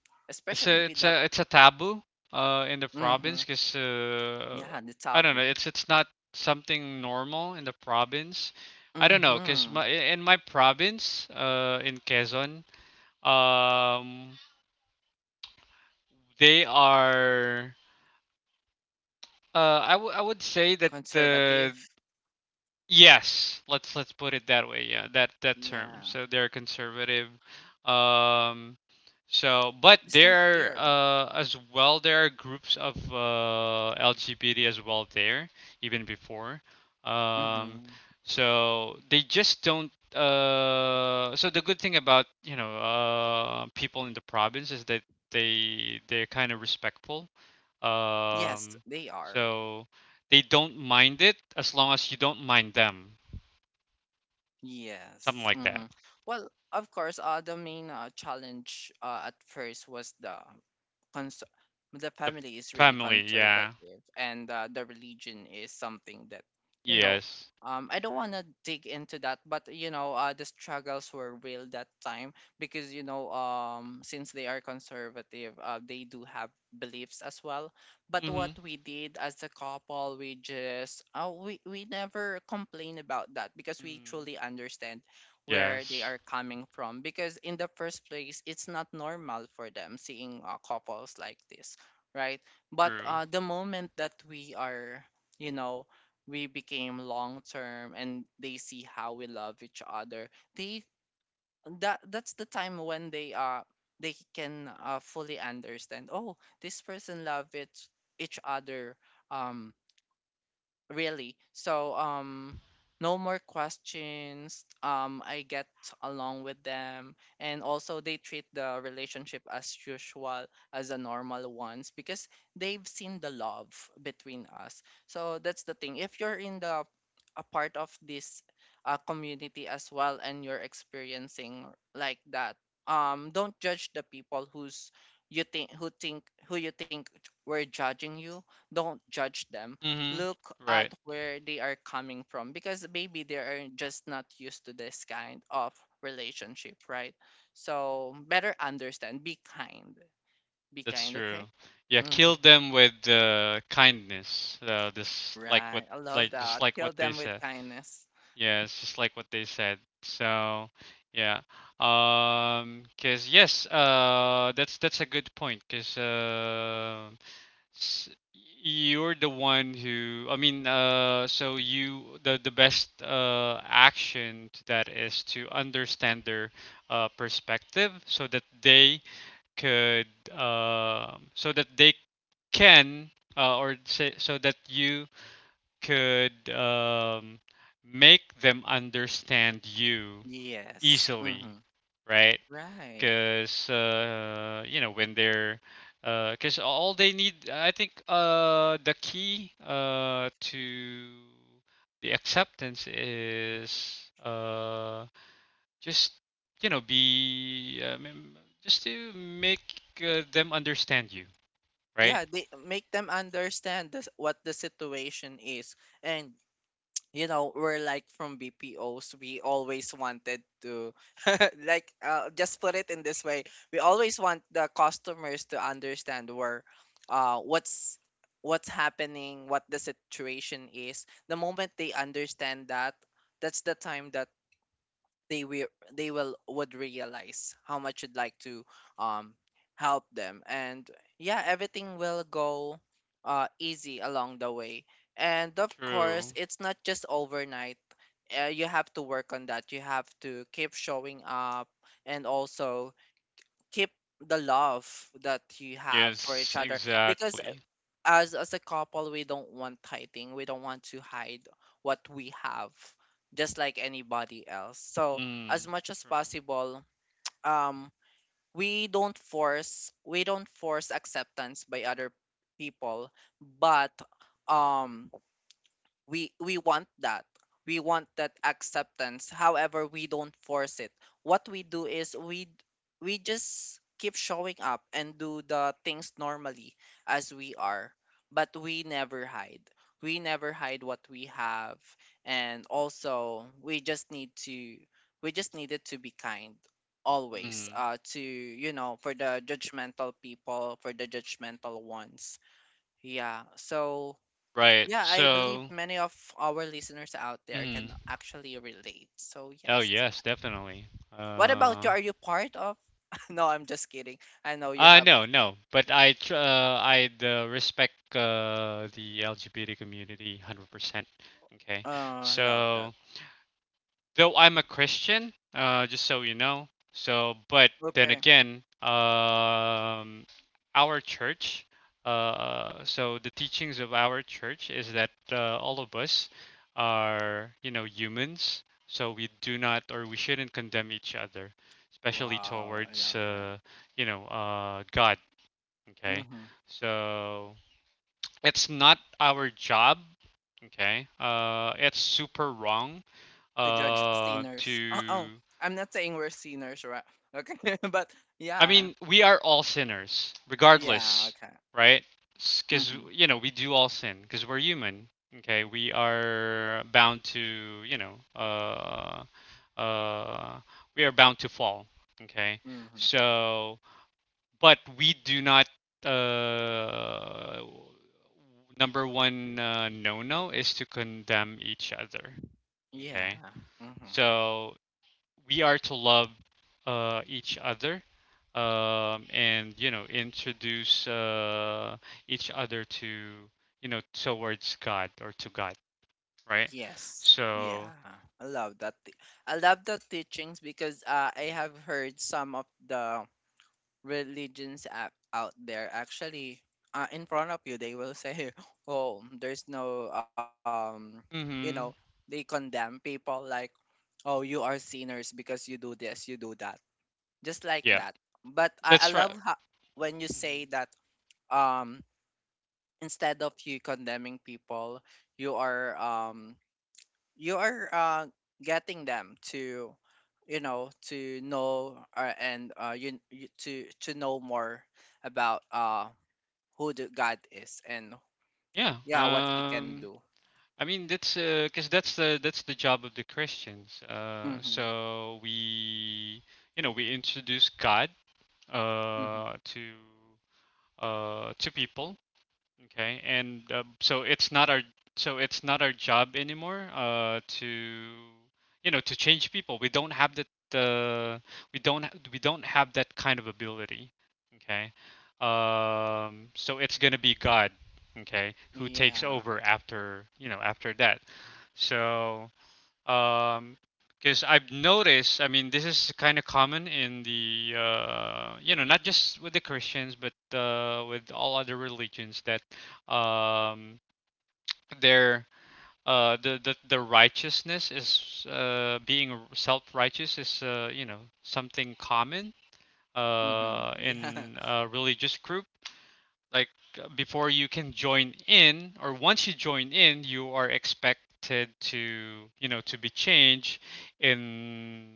A: It's
B: Especially with the,
A: a taboo in the
B: mm-hmm,
A: province because
B: yeah, the
A: I don't know,
B: taboo.
A: it's not something normal in the province. I don't know, because
B: Mm-hmm.
A: my in my province in Quezon, um they are I, I would say that,
B: Conservative.
A: yes, let's put it that way. Yeah, that that
B: Yeah.
A: term. So they're conservative. Um, so but
B: Just like
A: there are,
B: here.
A: as well there are groups of LGBT as well there even before. Um,
B: Hmm.
A: so they just don't. So the good thing about people in the province is that they're kind of respectful.
B: Yes,
A: Um,
B: they are.
A: so they don't mind it as long as you don't mind them.
B: Yes.
A: Something like
B: Hmm.
A: that.
B: Well, of course, the main challenge at first was the cons- the
A: The
B: family is really
A: family, yeah.
B: conservative, and the religion is something that you know.
A: Yes.
B: I don't
A: True.
B: want to dig into that, but you know, the struggles were real that time, because you know, since they are conservative, they do have beliefs as well. But
A: Mm-hmm.
B: what we did as a couple, we just we never complain about that, because we
A: Mm-hmm.
B: truly understand where they
A: Yes.
B: are coming from. Because in the first place, it's not normal for them seeing couples like this, right? But
A: True.
B: the moment that we are, you know, we became long term, and they see how we love each other, they that's the time when they can fully understand. Oh, this person love it each other, um really. So, no more questions. I get along with them, and also they treat the relationship as usual, as a normal ones, because they've seen the love between us. So that's the thing. If you're in the a part of this community as well, and you're experiencing like that, don't judge the people who you think were judging you. Don't judge them.
A: Mm-hmm.
B: Look at
A: Right.
B: where they are coming from, because maybe they are just not used to this kind of relationship, right? So better understand. Be kind. Be
A: That's
B: kind,
A: true.
B: okay?
A: Yeah,
B: Hmm.
A: kill them with kindness. Just like what,
B: Right. I love
A: like just
B: that.
A: like
B: Kill
A: what they
B: them with
A: said.
B: kindness.
A: Yes, just like what they said. So, yeah. Cause yes, that's a good point. S- you're the one who, you, the best action to that is to understand their perspective so that they could so that they can, or say so that you could make them understand you
B: Yes.
A: easily,
B: Hmm.
A: right?
B: Right.
A: Because when they're because all they need, I think, the key to the acceptance is just you know be, I mean, just to make them understand you, right.
B: Yeah, they make them understand this, what the situation is, and we're like from BPOs, we always wanted to [LAUGHS] like, just put it in this way. We always want the customers to understand where, uh, what's what's happening, what the situation is. The moment they understand that, that's the time that they will they will would realize how much you'd like to um help them, and, yeah, everything will go easy along the way. And of course,
A: True.
B: it's not just overnight. You have to work on that. You have to keep showing up, and also keep the love that you have for each
A: Yes,
B: other, because
A: exactly.
B: as a couple, we don't want hiding we don't want to hide what we have, just like anybody else, so as
A: Mm,
B: much as
A: true.
B: possible, um we don't force acceptance by other people. But um we want that acceptance, however we don't force it. What we do is, we just keep showing up and do the things normally, as we are, but we never hide what we have. And also, we just needed to be kind always,
A: Mm,
B: to you know for the judgmental ones, yeah. So,
A: right
B: yeah, I believe
A: so.
B: many of our listeners out there can
A: Mm,
B: actually relate. So,
A: oh
B: yes.
A: yes, definitely,
B: What about
A: uh,
B: you? Are you part of? [LAUGHS] No, I'm just kidding. I know you
A: uh,
B: have.
A: no, no, but I tr- I respect the LGBT community 100%. Okay,
B: Oh, I love that.
A: so though I'm a Christian, just so you know, so but then
B: Okay.
A: again, our church, the teachings of our church is that all of us are, humans, so we do not or we shouldn't condemn each other, especially
B: Wow, I
A: towards,
B: love that.
A: God. Okay.
B: Mm-hmm.
A: So it's not our job. Okay. It's super wrong.
B: To judge sinners. Oh,
A: To
B: oh, I'm not saying we're sinners, right? Okay, [LAUGHS] but
A: I
B: yeah,
A: mean, we are all sinners,
B: yeah,
A: regardless,
B: okay.
A: right? Because
B: Mm-hmm.
A: you know we do all sin because we're human. Okay, we are bound to uh, we are bound to fall. Okay,
B: Mm-hmm.
A: so but we do not. Uh, Number one no no is to condemn each other. Okay,
B: Yeah. Mm-hmm.
A: so we are to love each other, and you know introduce each other to you know towards God or to God, right?
B: Yes. Yeah.
A: So
B: I love that. I love the teachings, because I have heard some of the religions out there, actually, in front of you they will say, [LAUGHS] "Oh, there's no you
A: yeah,
B: know, they condemn people, like, "Oh, you are sinners because you do this, you do that." Just like
A: yeah,
B: that. But I
A: that's right.
B: love how, when you
A: Mhm.
B: say that, um instead of you condemning people, you are you are uh, getting them to, to know, and, you to know more about, who the god is, and,
A: Yeah,
B: yeah, what he can
A: um,
B: do.
A: I mean that's because that's the job of the Christians. Uh,
B: Mm-hmm,
A: so we you know we introduce God
B: mm-hmm.
A: uh, to to people. Okay, and so it's not our job anymore to you know to change people. We don't have that we don't have that kind of ability. Okay, so it's gonna be God. Okay, who takes
B: Yeah,
A: over after you know after that. So um, because I've noticed, I mean, this is kind of common in the, you know, not just with the Christians, but with all other religions that um, their the righteousness is being self-righteous is you know something common
B: mm-hmm. Yeah.
A: in a religious group like before you can join in or once you join in you are expected to you know to be changed in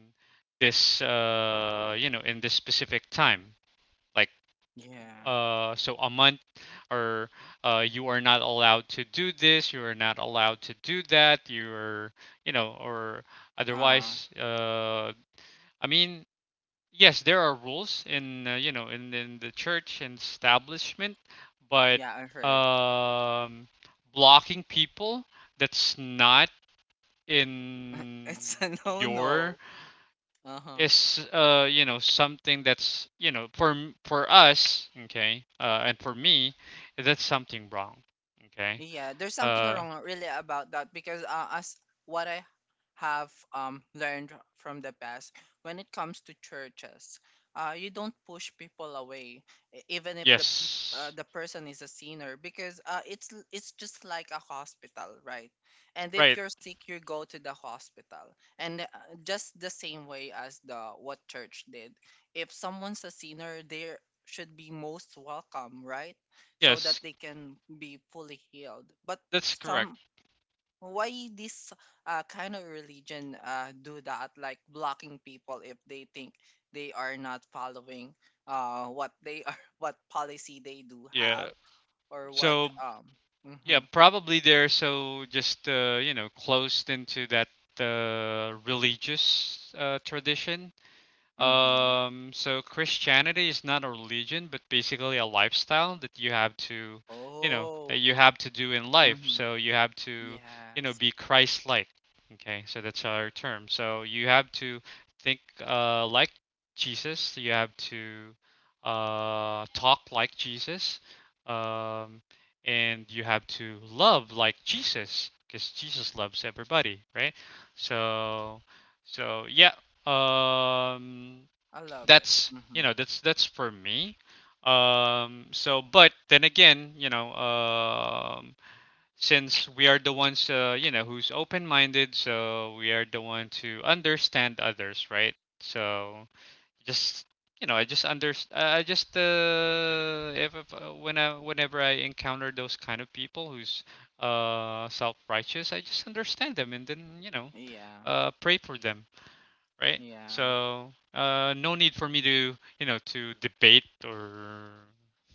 A: this in this specific time like
B: [LAUGHS] Yeah,
A: so a month or you are not allowed to do this, you are not allowed to do that, you're you know or
B: uh
A: otherwise i mean yes, there are rules in you know in the church and establishment, but
B: yeah, I heard.
A: um, blocking people, that's not
B: [LAUGHS]
A: in
B: It's a no
A: your
B: no. Uh-huh.
A: is you know something that's you know for for us, okay, and for me, that's something wrong. Okay.
B: Yeah, there's something
A: uh
B: wrong really about that, because as what I have learned from the past, when it comes to churches, you don't push people away, even if
A: yes
B: the person is a sinner, because it's just like a hospital, right? And if
A: right
B: you're sick, you go to the hospital, and, just the same way as the what church did. If someone's a sinner, they should be most welcome, right? So that
A: yes
B: they can be fully healed. But
A: that's correct.
B: some, why this kind of religion do that, like blocking people if they think they are not following, what they are, [LAUGHS] what policy they do
A: yeah
B: have, or what
A: so
B: um.
A: Yeah,
B: Mm-hmm,
A: probably they're so just you know closed into that religious tradition.
B: mm-hmm.
A: So Christianity is not a religion, but basically a lifestyle that you have to, you know, that
B: Oh.
A: you have to do in life.
B: Mm-hmm.
A: So you have to, you know,
B: Yes,
A: be Christ-like. Okay, so that's our term. So you have to think like Jesus. You have to talk like Jesus, um, and you have to love like Jesus, because Jesus loves everybody, right? So. So yeah, um,
B: I love it.
A: that's
B: Mm-hmm.
A: that's for me. So but then again, since we are the ones you know who's open-minded, so we are the one to understand others, right? So just you know, I just if when I, whenever I encounter those kind of people who's self-righteous, I just understand them and then you know,
B: Yeah.
A: pray for them, right?
B: Yeah.
A: So no need for me to you know to debate or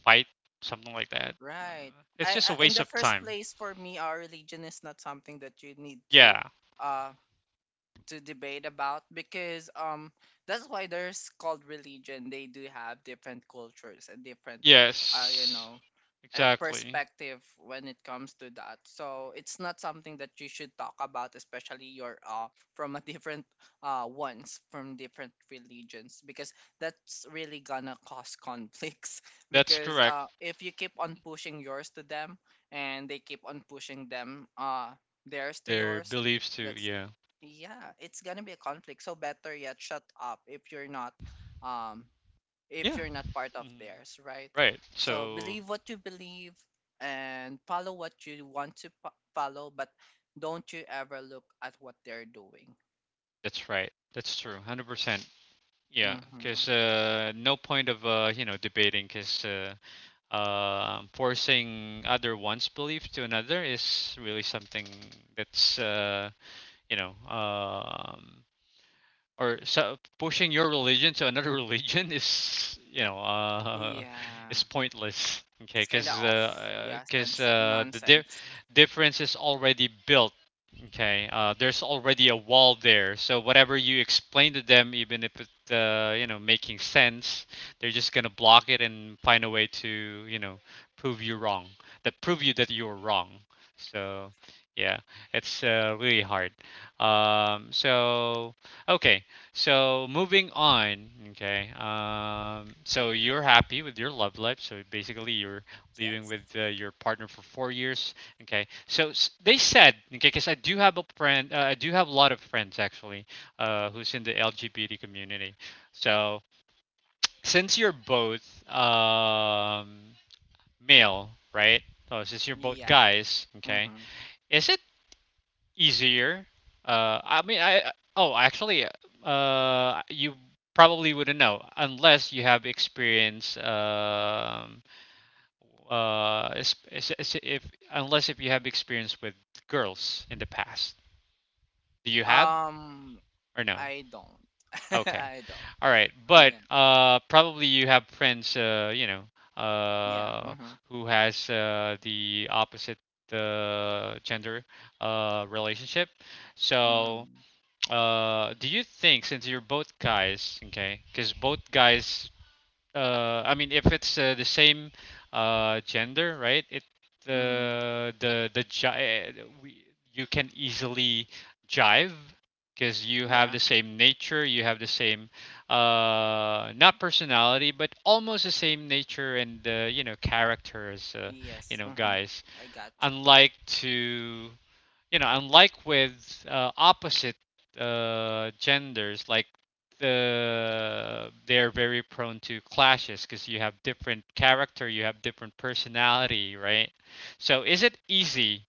A: fight something like that.
B: Right.
A: It's
B: I,
A: just a
B: I in
A: waste
B: the
A: of
B: first
A: time.
B: place, for me, our religion is not something that you need,
A: Yeah.
B: uh to debate about, because that's why there's called religion. They do have different cultures, and different, uh, you
A: Yes.
B: know
A: Exactly.
B: perspective, when it comes to that. So it's not something that you should talk about, especially you're, from a different, ones from different religions, because that's really gonna cause conflicts. [LAUGHS]
A: That's
B: Because,
A: correct.
B: if you keep on pushing yours to them, and they keep on pushing them theirs to
A: Their
B: yours,
A: beliefs too.
B: that's
A: Yeah.
B: yeah, it's gonna be a conflict. So, better yet, shut up if um if
A: Yeah.
B: you're not part of
A: Mm.
B: theirs, right?
A: Right.
B: So,
A: So
B: believe what you believe, and follow what you want to follow, but don't you ever look at what they're doing.
A: that's right. That's true. 100%. Yeah. Because
B: Mm-hmm.
A: no point of you know debating. Because forcing other one's belief to another is really something that's you know, um, or so pushing your religion to another [LAUGHS] religion is,
B: Yeah,
A: is pointless.
B: it's
A: Okay,
B: kind of
A: because
B: off, yeah, sense nonsense.
A: difference is already built. Okay, there's already a wall there, so whatever you explain to them, even if it's you know making sense, they're just gonna block it and find a way to you know prove you wrong, that you're wrong. So yeah, it's really hard. Um, so okay, so moving on. Okay, so you're happy with your love life. So basically, you're living
B: Yes.
A: with your partner for 4 years. Okay, they said, okay, because I do have a friend, I do have a lot of friends actually, who's in the LGBT community. So since you're both um, male, right? So since you're both
B: Yeah.
A: guys, okay,
B: Mm-hmm.
A: is it easier? Uh, I mean, I I- oh, actually, you probably wouldn't know unless you have experience. Is if Unless if you have experience with girls in the past. Do you have
B: um
A: or no?
B: I don't. [LAUGHS]
A: Okay,
B: I don't.
A: all right. But
B: Yeah,
A: probably you have friends,
B: yeah.
A: uh,
B: Mm-hmm.
A: who has the opposite gender relationship. So
B: Mm-hmm.
A: do you think, since you're both guys, okay, because both guys, I mean, if it's the same gender, right? It
B: Mm-hmm.
A: the gi- we, you can easily jive because you have
B: Yeah.
A: the same nature, you have the same not personality, but almost the same nature and you know character as you
B: Yes.
A: know
B: Mm-hmm.
A: guys.
B: I got you.
A: Unlike to you know, unlike with opposite genders, like they're very prone to clashes because you have different character, you have different personality, right? So is it easy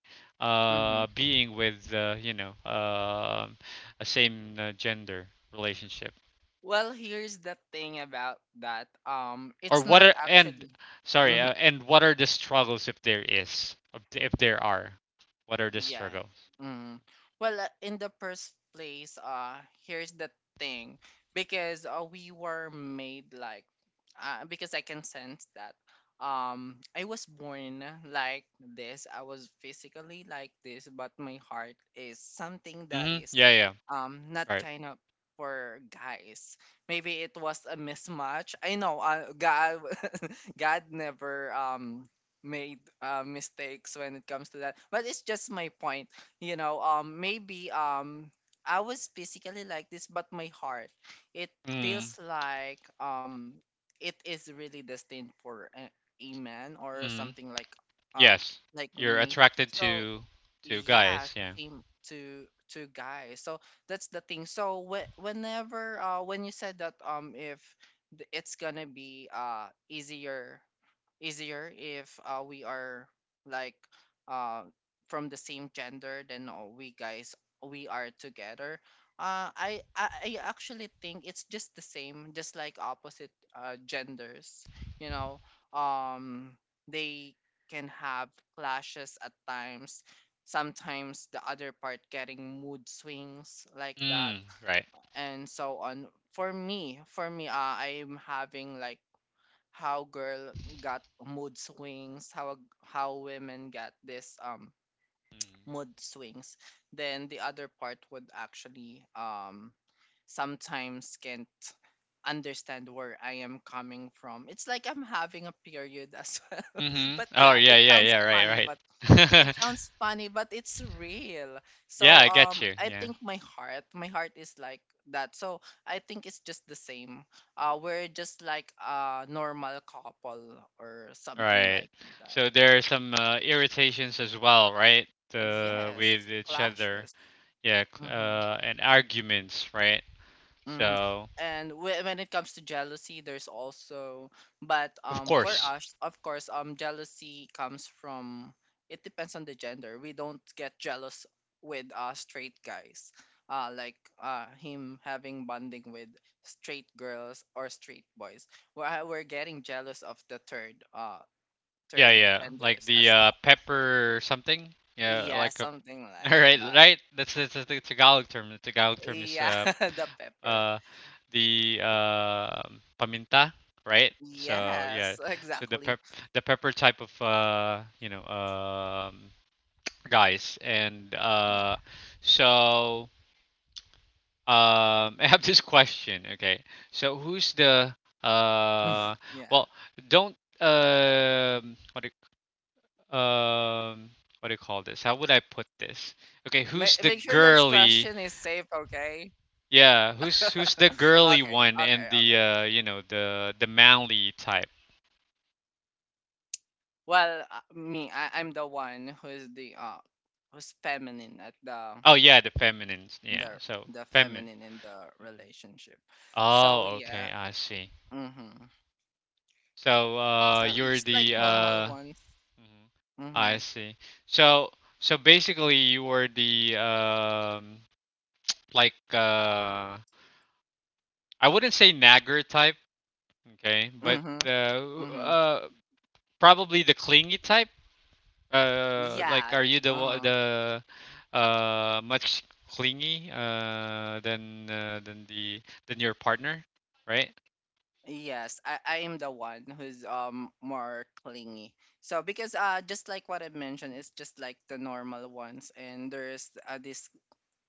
B: Mm-hmm.
A: being with a same gender relationship?
B: Well, here's the thing about that.
A: Or
B: It's
A: what
B: not
A: are and
B: actually.
A: sorry, and what are the struggles if there is, if there are? What are the
B: Yeah.
A: struggles?
B: Mm. Well, in the first place, here's the thing, because we were made like, because I can sense that, I was born like this. I was physically like this, but my heart is something that
A: Mm-hmm.
B: is,
A: Yeah, yeah,
B: not
A: right.
B: kind of for guys. Maybe it was a mismatch. I know, God never made mistakes when it comes to that. But it's just my point. Maybe I was physically like this, but my heart, it
A: Mm-hmm.
B: feels like it is really destined for a man, or something uh
A: Yes,
B: like
A: you're
B: me.
A: attracted
B: So
A: to
B: yeah, it's
A: guys.
B: the
A: Yeah.
B: same to guys. So that's the thing. So, whenever when you said that, if it's gonna be easier, if we are, like, uh from the same gender, then, we guys, we are together. I actually think it's just the same, just like opposite, genders. You know, um, they can have clashes at times. Sometimes the other part getting mood swings, like that,
A: Mm, right.
B: and so on. For me, I'm having, like, how girl got mood swings, how women get this mood swings, then the other part would actually sometimes can't understand where I am coming from. It's like I'm having a period, as [LAUGHS] well.
A: Mm. Mhm.
B: But,
A: Oh
B: yeah,
A: yeah, yeah, yeah. Right,
B: it
A: right.
B: sounds funny, but it's real.
A: [LAUGHS] yeah,
B: So,
A: I get you.
B: I
A: Yeah.
B: think my heart is like that. So I think it's just the same. We're just like a normal couple, or something
A: Right.
B: like that.
A: So there are some irritations as well, right?
B: Yes,
A: With each other.
B: clashes.
A: Yeah.
B: Mm-hmm.
A: And arguments, right?
B: Mm.
A: So
B: And when it comes to jealousy, there's also. But
A: of
B: for
A: course.
B: us, of course, jealousy comes from, it depends on the gender. We don't get jealous with, straight guys, like, him having bonding with straight girls or straight boys. We're getting jealous of
A: Yeah,
B: third
A: yeah. Like
B: genders
A: the
B: as well.
A: pepper something. Yeah,
B: Yeah,
A: like a.
B: something
A: [LAUGHS] All
B: like
A: right,
B: that.
A: right. That's the Tagalog term. The Tagalog term is
B: Yeah, [LAUGHS] the pepper.
A: uh, the paminta, right? So yeah,
B: Yes,
A: so
B: exactly.
A: the pepper type of guys, and
B: Yeah.
A: so [LAUGHS] I have this question. Okay, so who's the
B: [LAUGHS]
A: uh,
B: Yeah.
A: well, don't um, what do you call this? How would I put this? Okay,
B: Make
A: who's
B: sure
A: the
B: that question is
A: girly
B: safe, okay?
A: yeah,
B: [LAUGHS] Okay,
A: who's the girly
B: okay,
A: one
B: okay.
A: and the you know the manly type?
B: Well, me, I'm the one who's the who's feminine at
A: Oh yeah, the feminine. Yeah,
B: the
A: so
B: the
A: feminine.
B: feminine in the
A: Mhm.
B: relationship.
A: Oh,
B: So
A: okay,
B: yeah,
A: I see.
B: mm-hmm.
A: So
B: So,
A: you're
B: just like
A: the
B: normal ones.
A: mhm, I
B: Mm-hmm.
A: see. So so basically you were the like I wouldn't say nagger type, okay, but
B: Mm-hmm.
A: uh,
B: Mm-hmm.
A: uh probably the clingy type. Like,
B: Yeah.
A: are you the one-
B: Uh-huh.
A: the much clingy than the than your partner, right?
B: Yes, I am the one who's more clingy. So, because, just like what I mentioned, it's just like the normal ones, and there's, this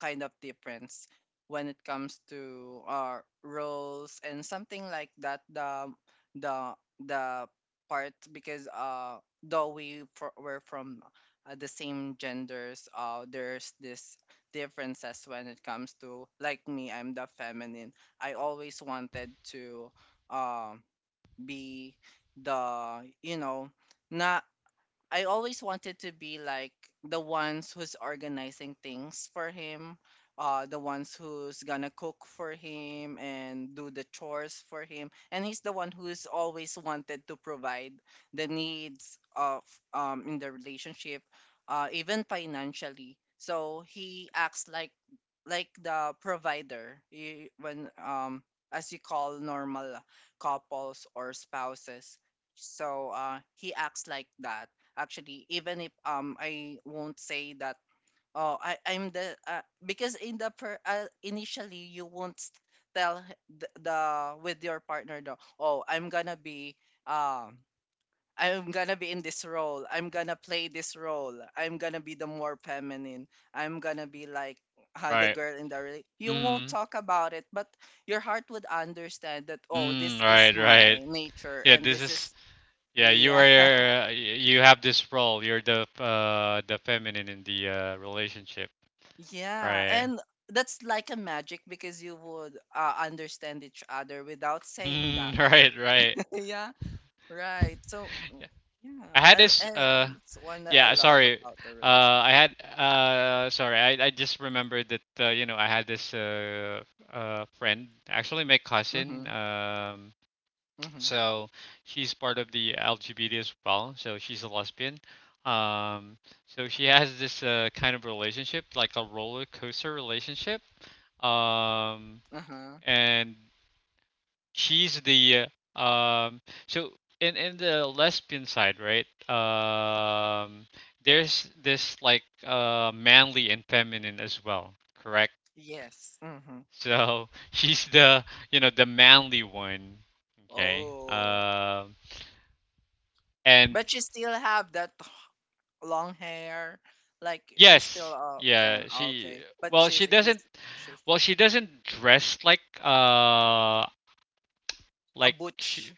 B: kind of difference when it comes to our roles, and something like that, the the the part, because though we were from, the same genders, there's this differences when it comes to, like, me, I'm the feminine. I always wanted to um be the not. I always wanted to be like the ones who's organizing things for him, the ones who's gonna cook for him and do the chores for him. And he's the one who's always wanted to provide the needs of in the relationship, even financially. So he acts like the provider you, when as you call normal couples or spouses. So, he acts like that, actually, even if I won't say that, oh, I'm the because in the initially you won't tell the with your partner, though, oh, um I'm gonna be in this role. I'm gonna play this role. I'm gonna be the more feminine. I'm gonna be like, the
A: Right.
B: girl in the You won't
A: Mm,
B: talk about it, but your heart would understand that, oh,
A: mm,
B: this is
A: right,
B: my
A: right.
B: nature,
A: Yeah,
B: and
A: this
B: this
A: is
B: is,
A: yeah. You are
B: yeah.
A: you have this role. You're the feminine in the relationship,
B: Yeah,
A: right?
B: and that's like a magic, because you would, understand each other without saying that.
A: Mm, [LAUGHS] right, right.
B: [LAUGHS] Yeah, right. So, mm,
A: Yeah.
B: yeah.
A: I had this
B: And it's one that I
A: Yeah,
B: love
A: sorry.
B: about the
A: I
B: relationship.
A: had sorry. I just remembered that you know I had this friend, actually my
B: Mm-hmm.
A: cousin.
B: Mm-hmm.
A: So she's part of the LGBT as well. So she's a lesbian. Um, so she has this kind of relationship, like a roller coaster relationship. Um,
B: Uh-huh.
A: and she's the uh, um so in the lesbian side, right? There's this like manly and feminine as well, correct?
B: Yes. Mm-hmm.
A: So [LAUGHS] she's the you know the manly one, okay,
B: Oh,
A: and
B: but she still have that long hair. Like she's still
A: yes
B: a fan.
A: yeah
B: Oh,
A: she
B: okay, but
A: well she doesn't
B: she's
A: well she doesn't dress like
B: a
A: like
B: butch.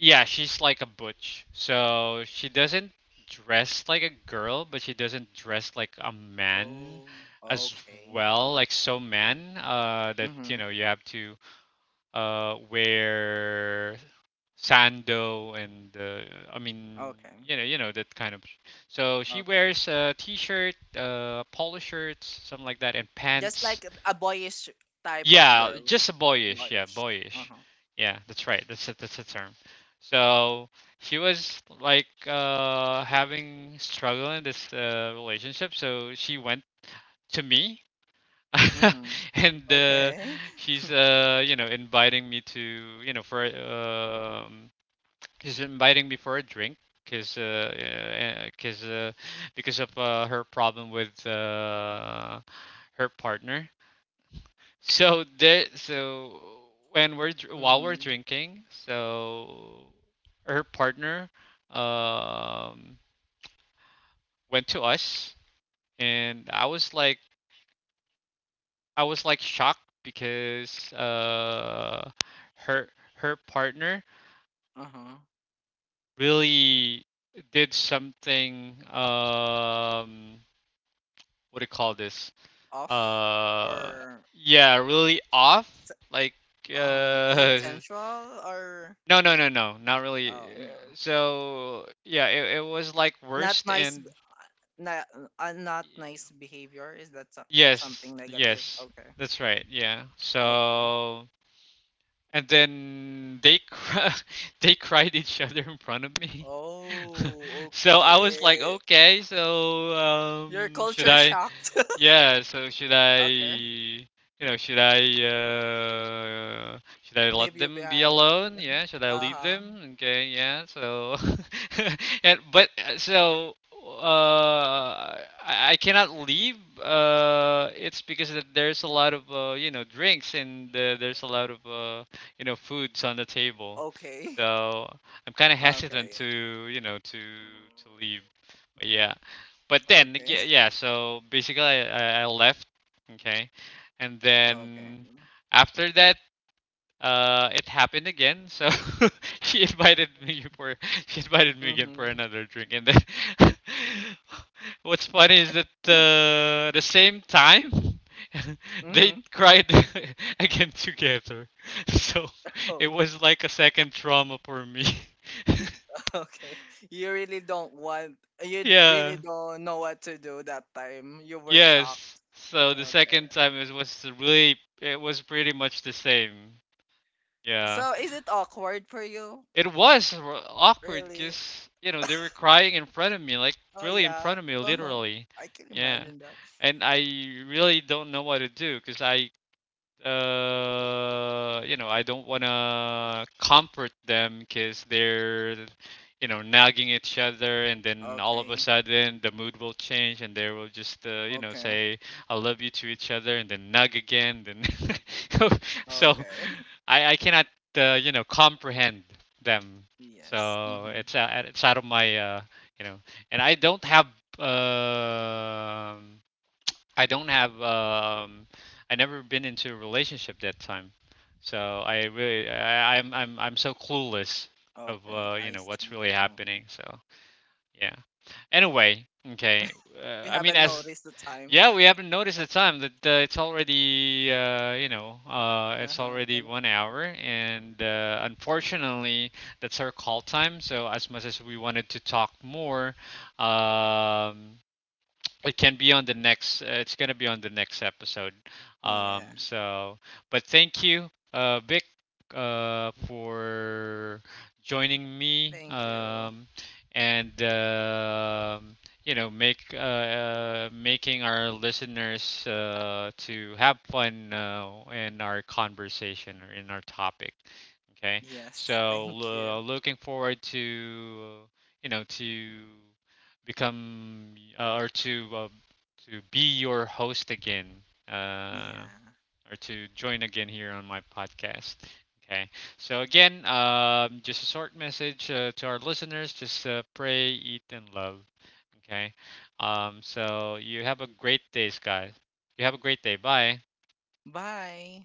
A: yeah, she's like a butch. So she doesn't dress like a girl, but she doesn't dress like a man
B: Oh,
A: as
B: okay.
A: well, like so man, that you
B: Mm-hmm.
A: know, you have to wear sando and I mean,
B: Okay.
A: you know that kind of. So she
B: Okay.
A: wears a t-shirt, polo shirts, something like that and
B: Just
A: pants,
B: like a boyish type of
A: yeah,
B: girl.
A: just a boyish. Yeah,
B: Boyish.
A: boyish.
B: Uh-huh.
A: Yeah, that's right. That's a, that's the term. So she was like having struggle in this relationship. So she went to me,
B: Mm-hmm.
A: [LAUGHS] and
B: Okay.
A: she's inviting me to you know for she's inviting me for a drink. Cause, uh, uh, cause, uh, because of her problem with her partner, so while we're
B: Mm-hmm.
A: drinking, so her partner um went to us, and I was like shocked because her her partner
B: Uh-huh.
A: really did something what do you call this?
B: Off,
A: uh
B: or
A: yeah, really off,
B: se-
A: like
B: is it
A: uh [LAUGHS]
B: sensual, or?
A: no, no, no, no, not
B: Oh,
A: really. Uh,
B: no.
A: So yeah, it was like
B: Not
A: worst
B: nice b-
A: and
B: na, Not nice behavior, is that
A: yes,
B: something negative?
A: yes,
B: Okay.
A: that's right. Yeah.
B: Okay.
A: So and then [LAUGHS] they cried each other in front of me. [LAUGHS]
B: Oh,
A: So I was like,
B: okay.
A: okay, so
B: Your
A: should
B: culture
A: I?
B: shocked. [LAUGHS]
A: Yeah, so
B: Okay.
A: should I
B: Leave
A: let
B: you
A: them be
B: behind.
A: alone? Yeah,
B: [LAUGHS]
A: should I leave
B: Uh-huh.
A: them? Okay, yeah. So, [LAUGHS] and but so, I cannot leave. It's because that there's a lot of drinks and there's a lot of foods on the
B: Okay.
A: table. So I'm kind of
B: Okay.
A: hesitant to, you know, to leave. But yeah, but
B: Okay.
A: then
B: [LAUGHS]
A: yeah, yeah, so basically I left, okay, and
B: Okay.
A: then after that it happened again. So [LAUGHS] she invited me for she invited me again for
B: Mhm.
A: another drink, and then [LAUGHS] what's funny is that the same time [LAUGHS]
B: Mhm.
A: they cried [LAUGHS] again together. [LAUGHS] So it
B: Okay.
A: was like a second trauma for me.
B: [LAUGHS] Okay. You really don't want.
A: [LAUGHS]
B: Really
A: Yeah.
B: don't know what to do that time. You were shocked.
A: Yes. So the
B: Okay.
A: second time it was really it was pretty much the same. Yeah.
B: So, is it awkward for you?
A: It was awkward
B: Really?
A: because you know they were
B: [LAUGHS]
A: crying in front of me, like
B: Oh,
A: really in
B: yeah.
A: front of me,
B: Uh huh.
A: literally.
B: I can
A: Yeah.
B: imagine that.
A: And I really don't know what to do because I you know, I don't want to comfort them because they're, you know, nagging each other, and then all of a
B: Okay.
A: sudden the mood will change, and they will just, you know,
B: Okay.
A: say "I love you" to each other, and then nag again. Then, [LAUGHS] so
B: Okay.
A: I cannot, you know, comprehend them.
B: Yes.
A: So
B: Mm-hmm.
A: it's it's out of my, you know, and I don't have. um I don't have um I never been into a relationship that time. So I really I, I'm so clueless of
B: Okay.
A: you
B: I
A: know what's
B: see.
A: really
B: Mhm.
A: happening. So yeah. Anyway, okay.
B: We
A: I mean
B: haven't
A: as
B: noticed the time.
A: yeah, we haven't noticed the time that it's already
B: Uh
A: it's
B: huh.
A: already
B: And,
A: 1 hour, and unfortunately that's our call time. So as much as we wanted to talk more, um it can be on the next it's going to be on the next episode. um
B: yeah.
A: so but thank you, Vic, for joining me,
B: Thank you.
A: and you know, make making our listeners to have fun in our conversation or in our topic. Okay,
B: Yes, thank
A: so
B: you.
A: looking forward to you know to become or to be your host again, uh,
B: Yeah.
A: or to join again here on my podcast. Okay, so again, just a short message to our listeners: just pray, eat, and love. Okay, so you have a great day, guys. You have a great day. Bye.
B: Bye.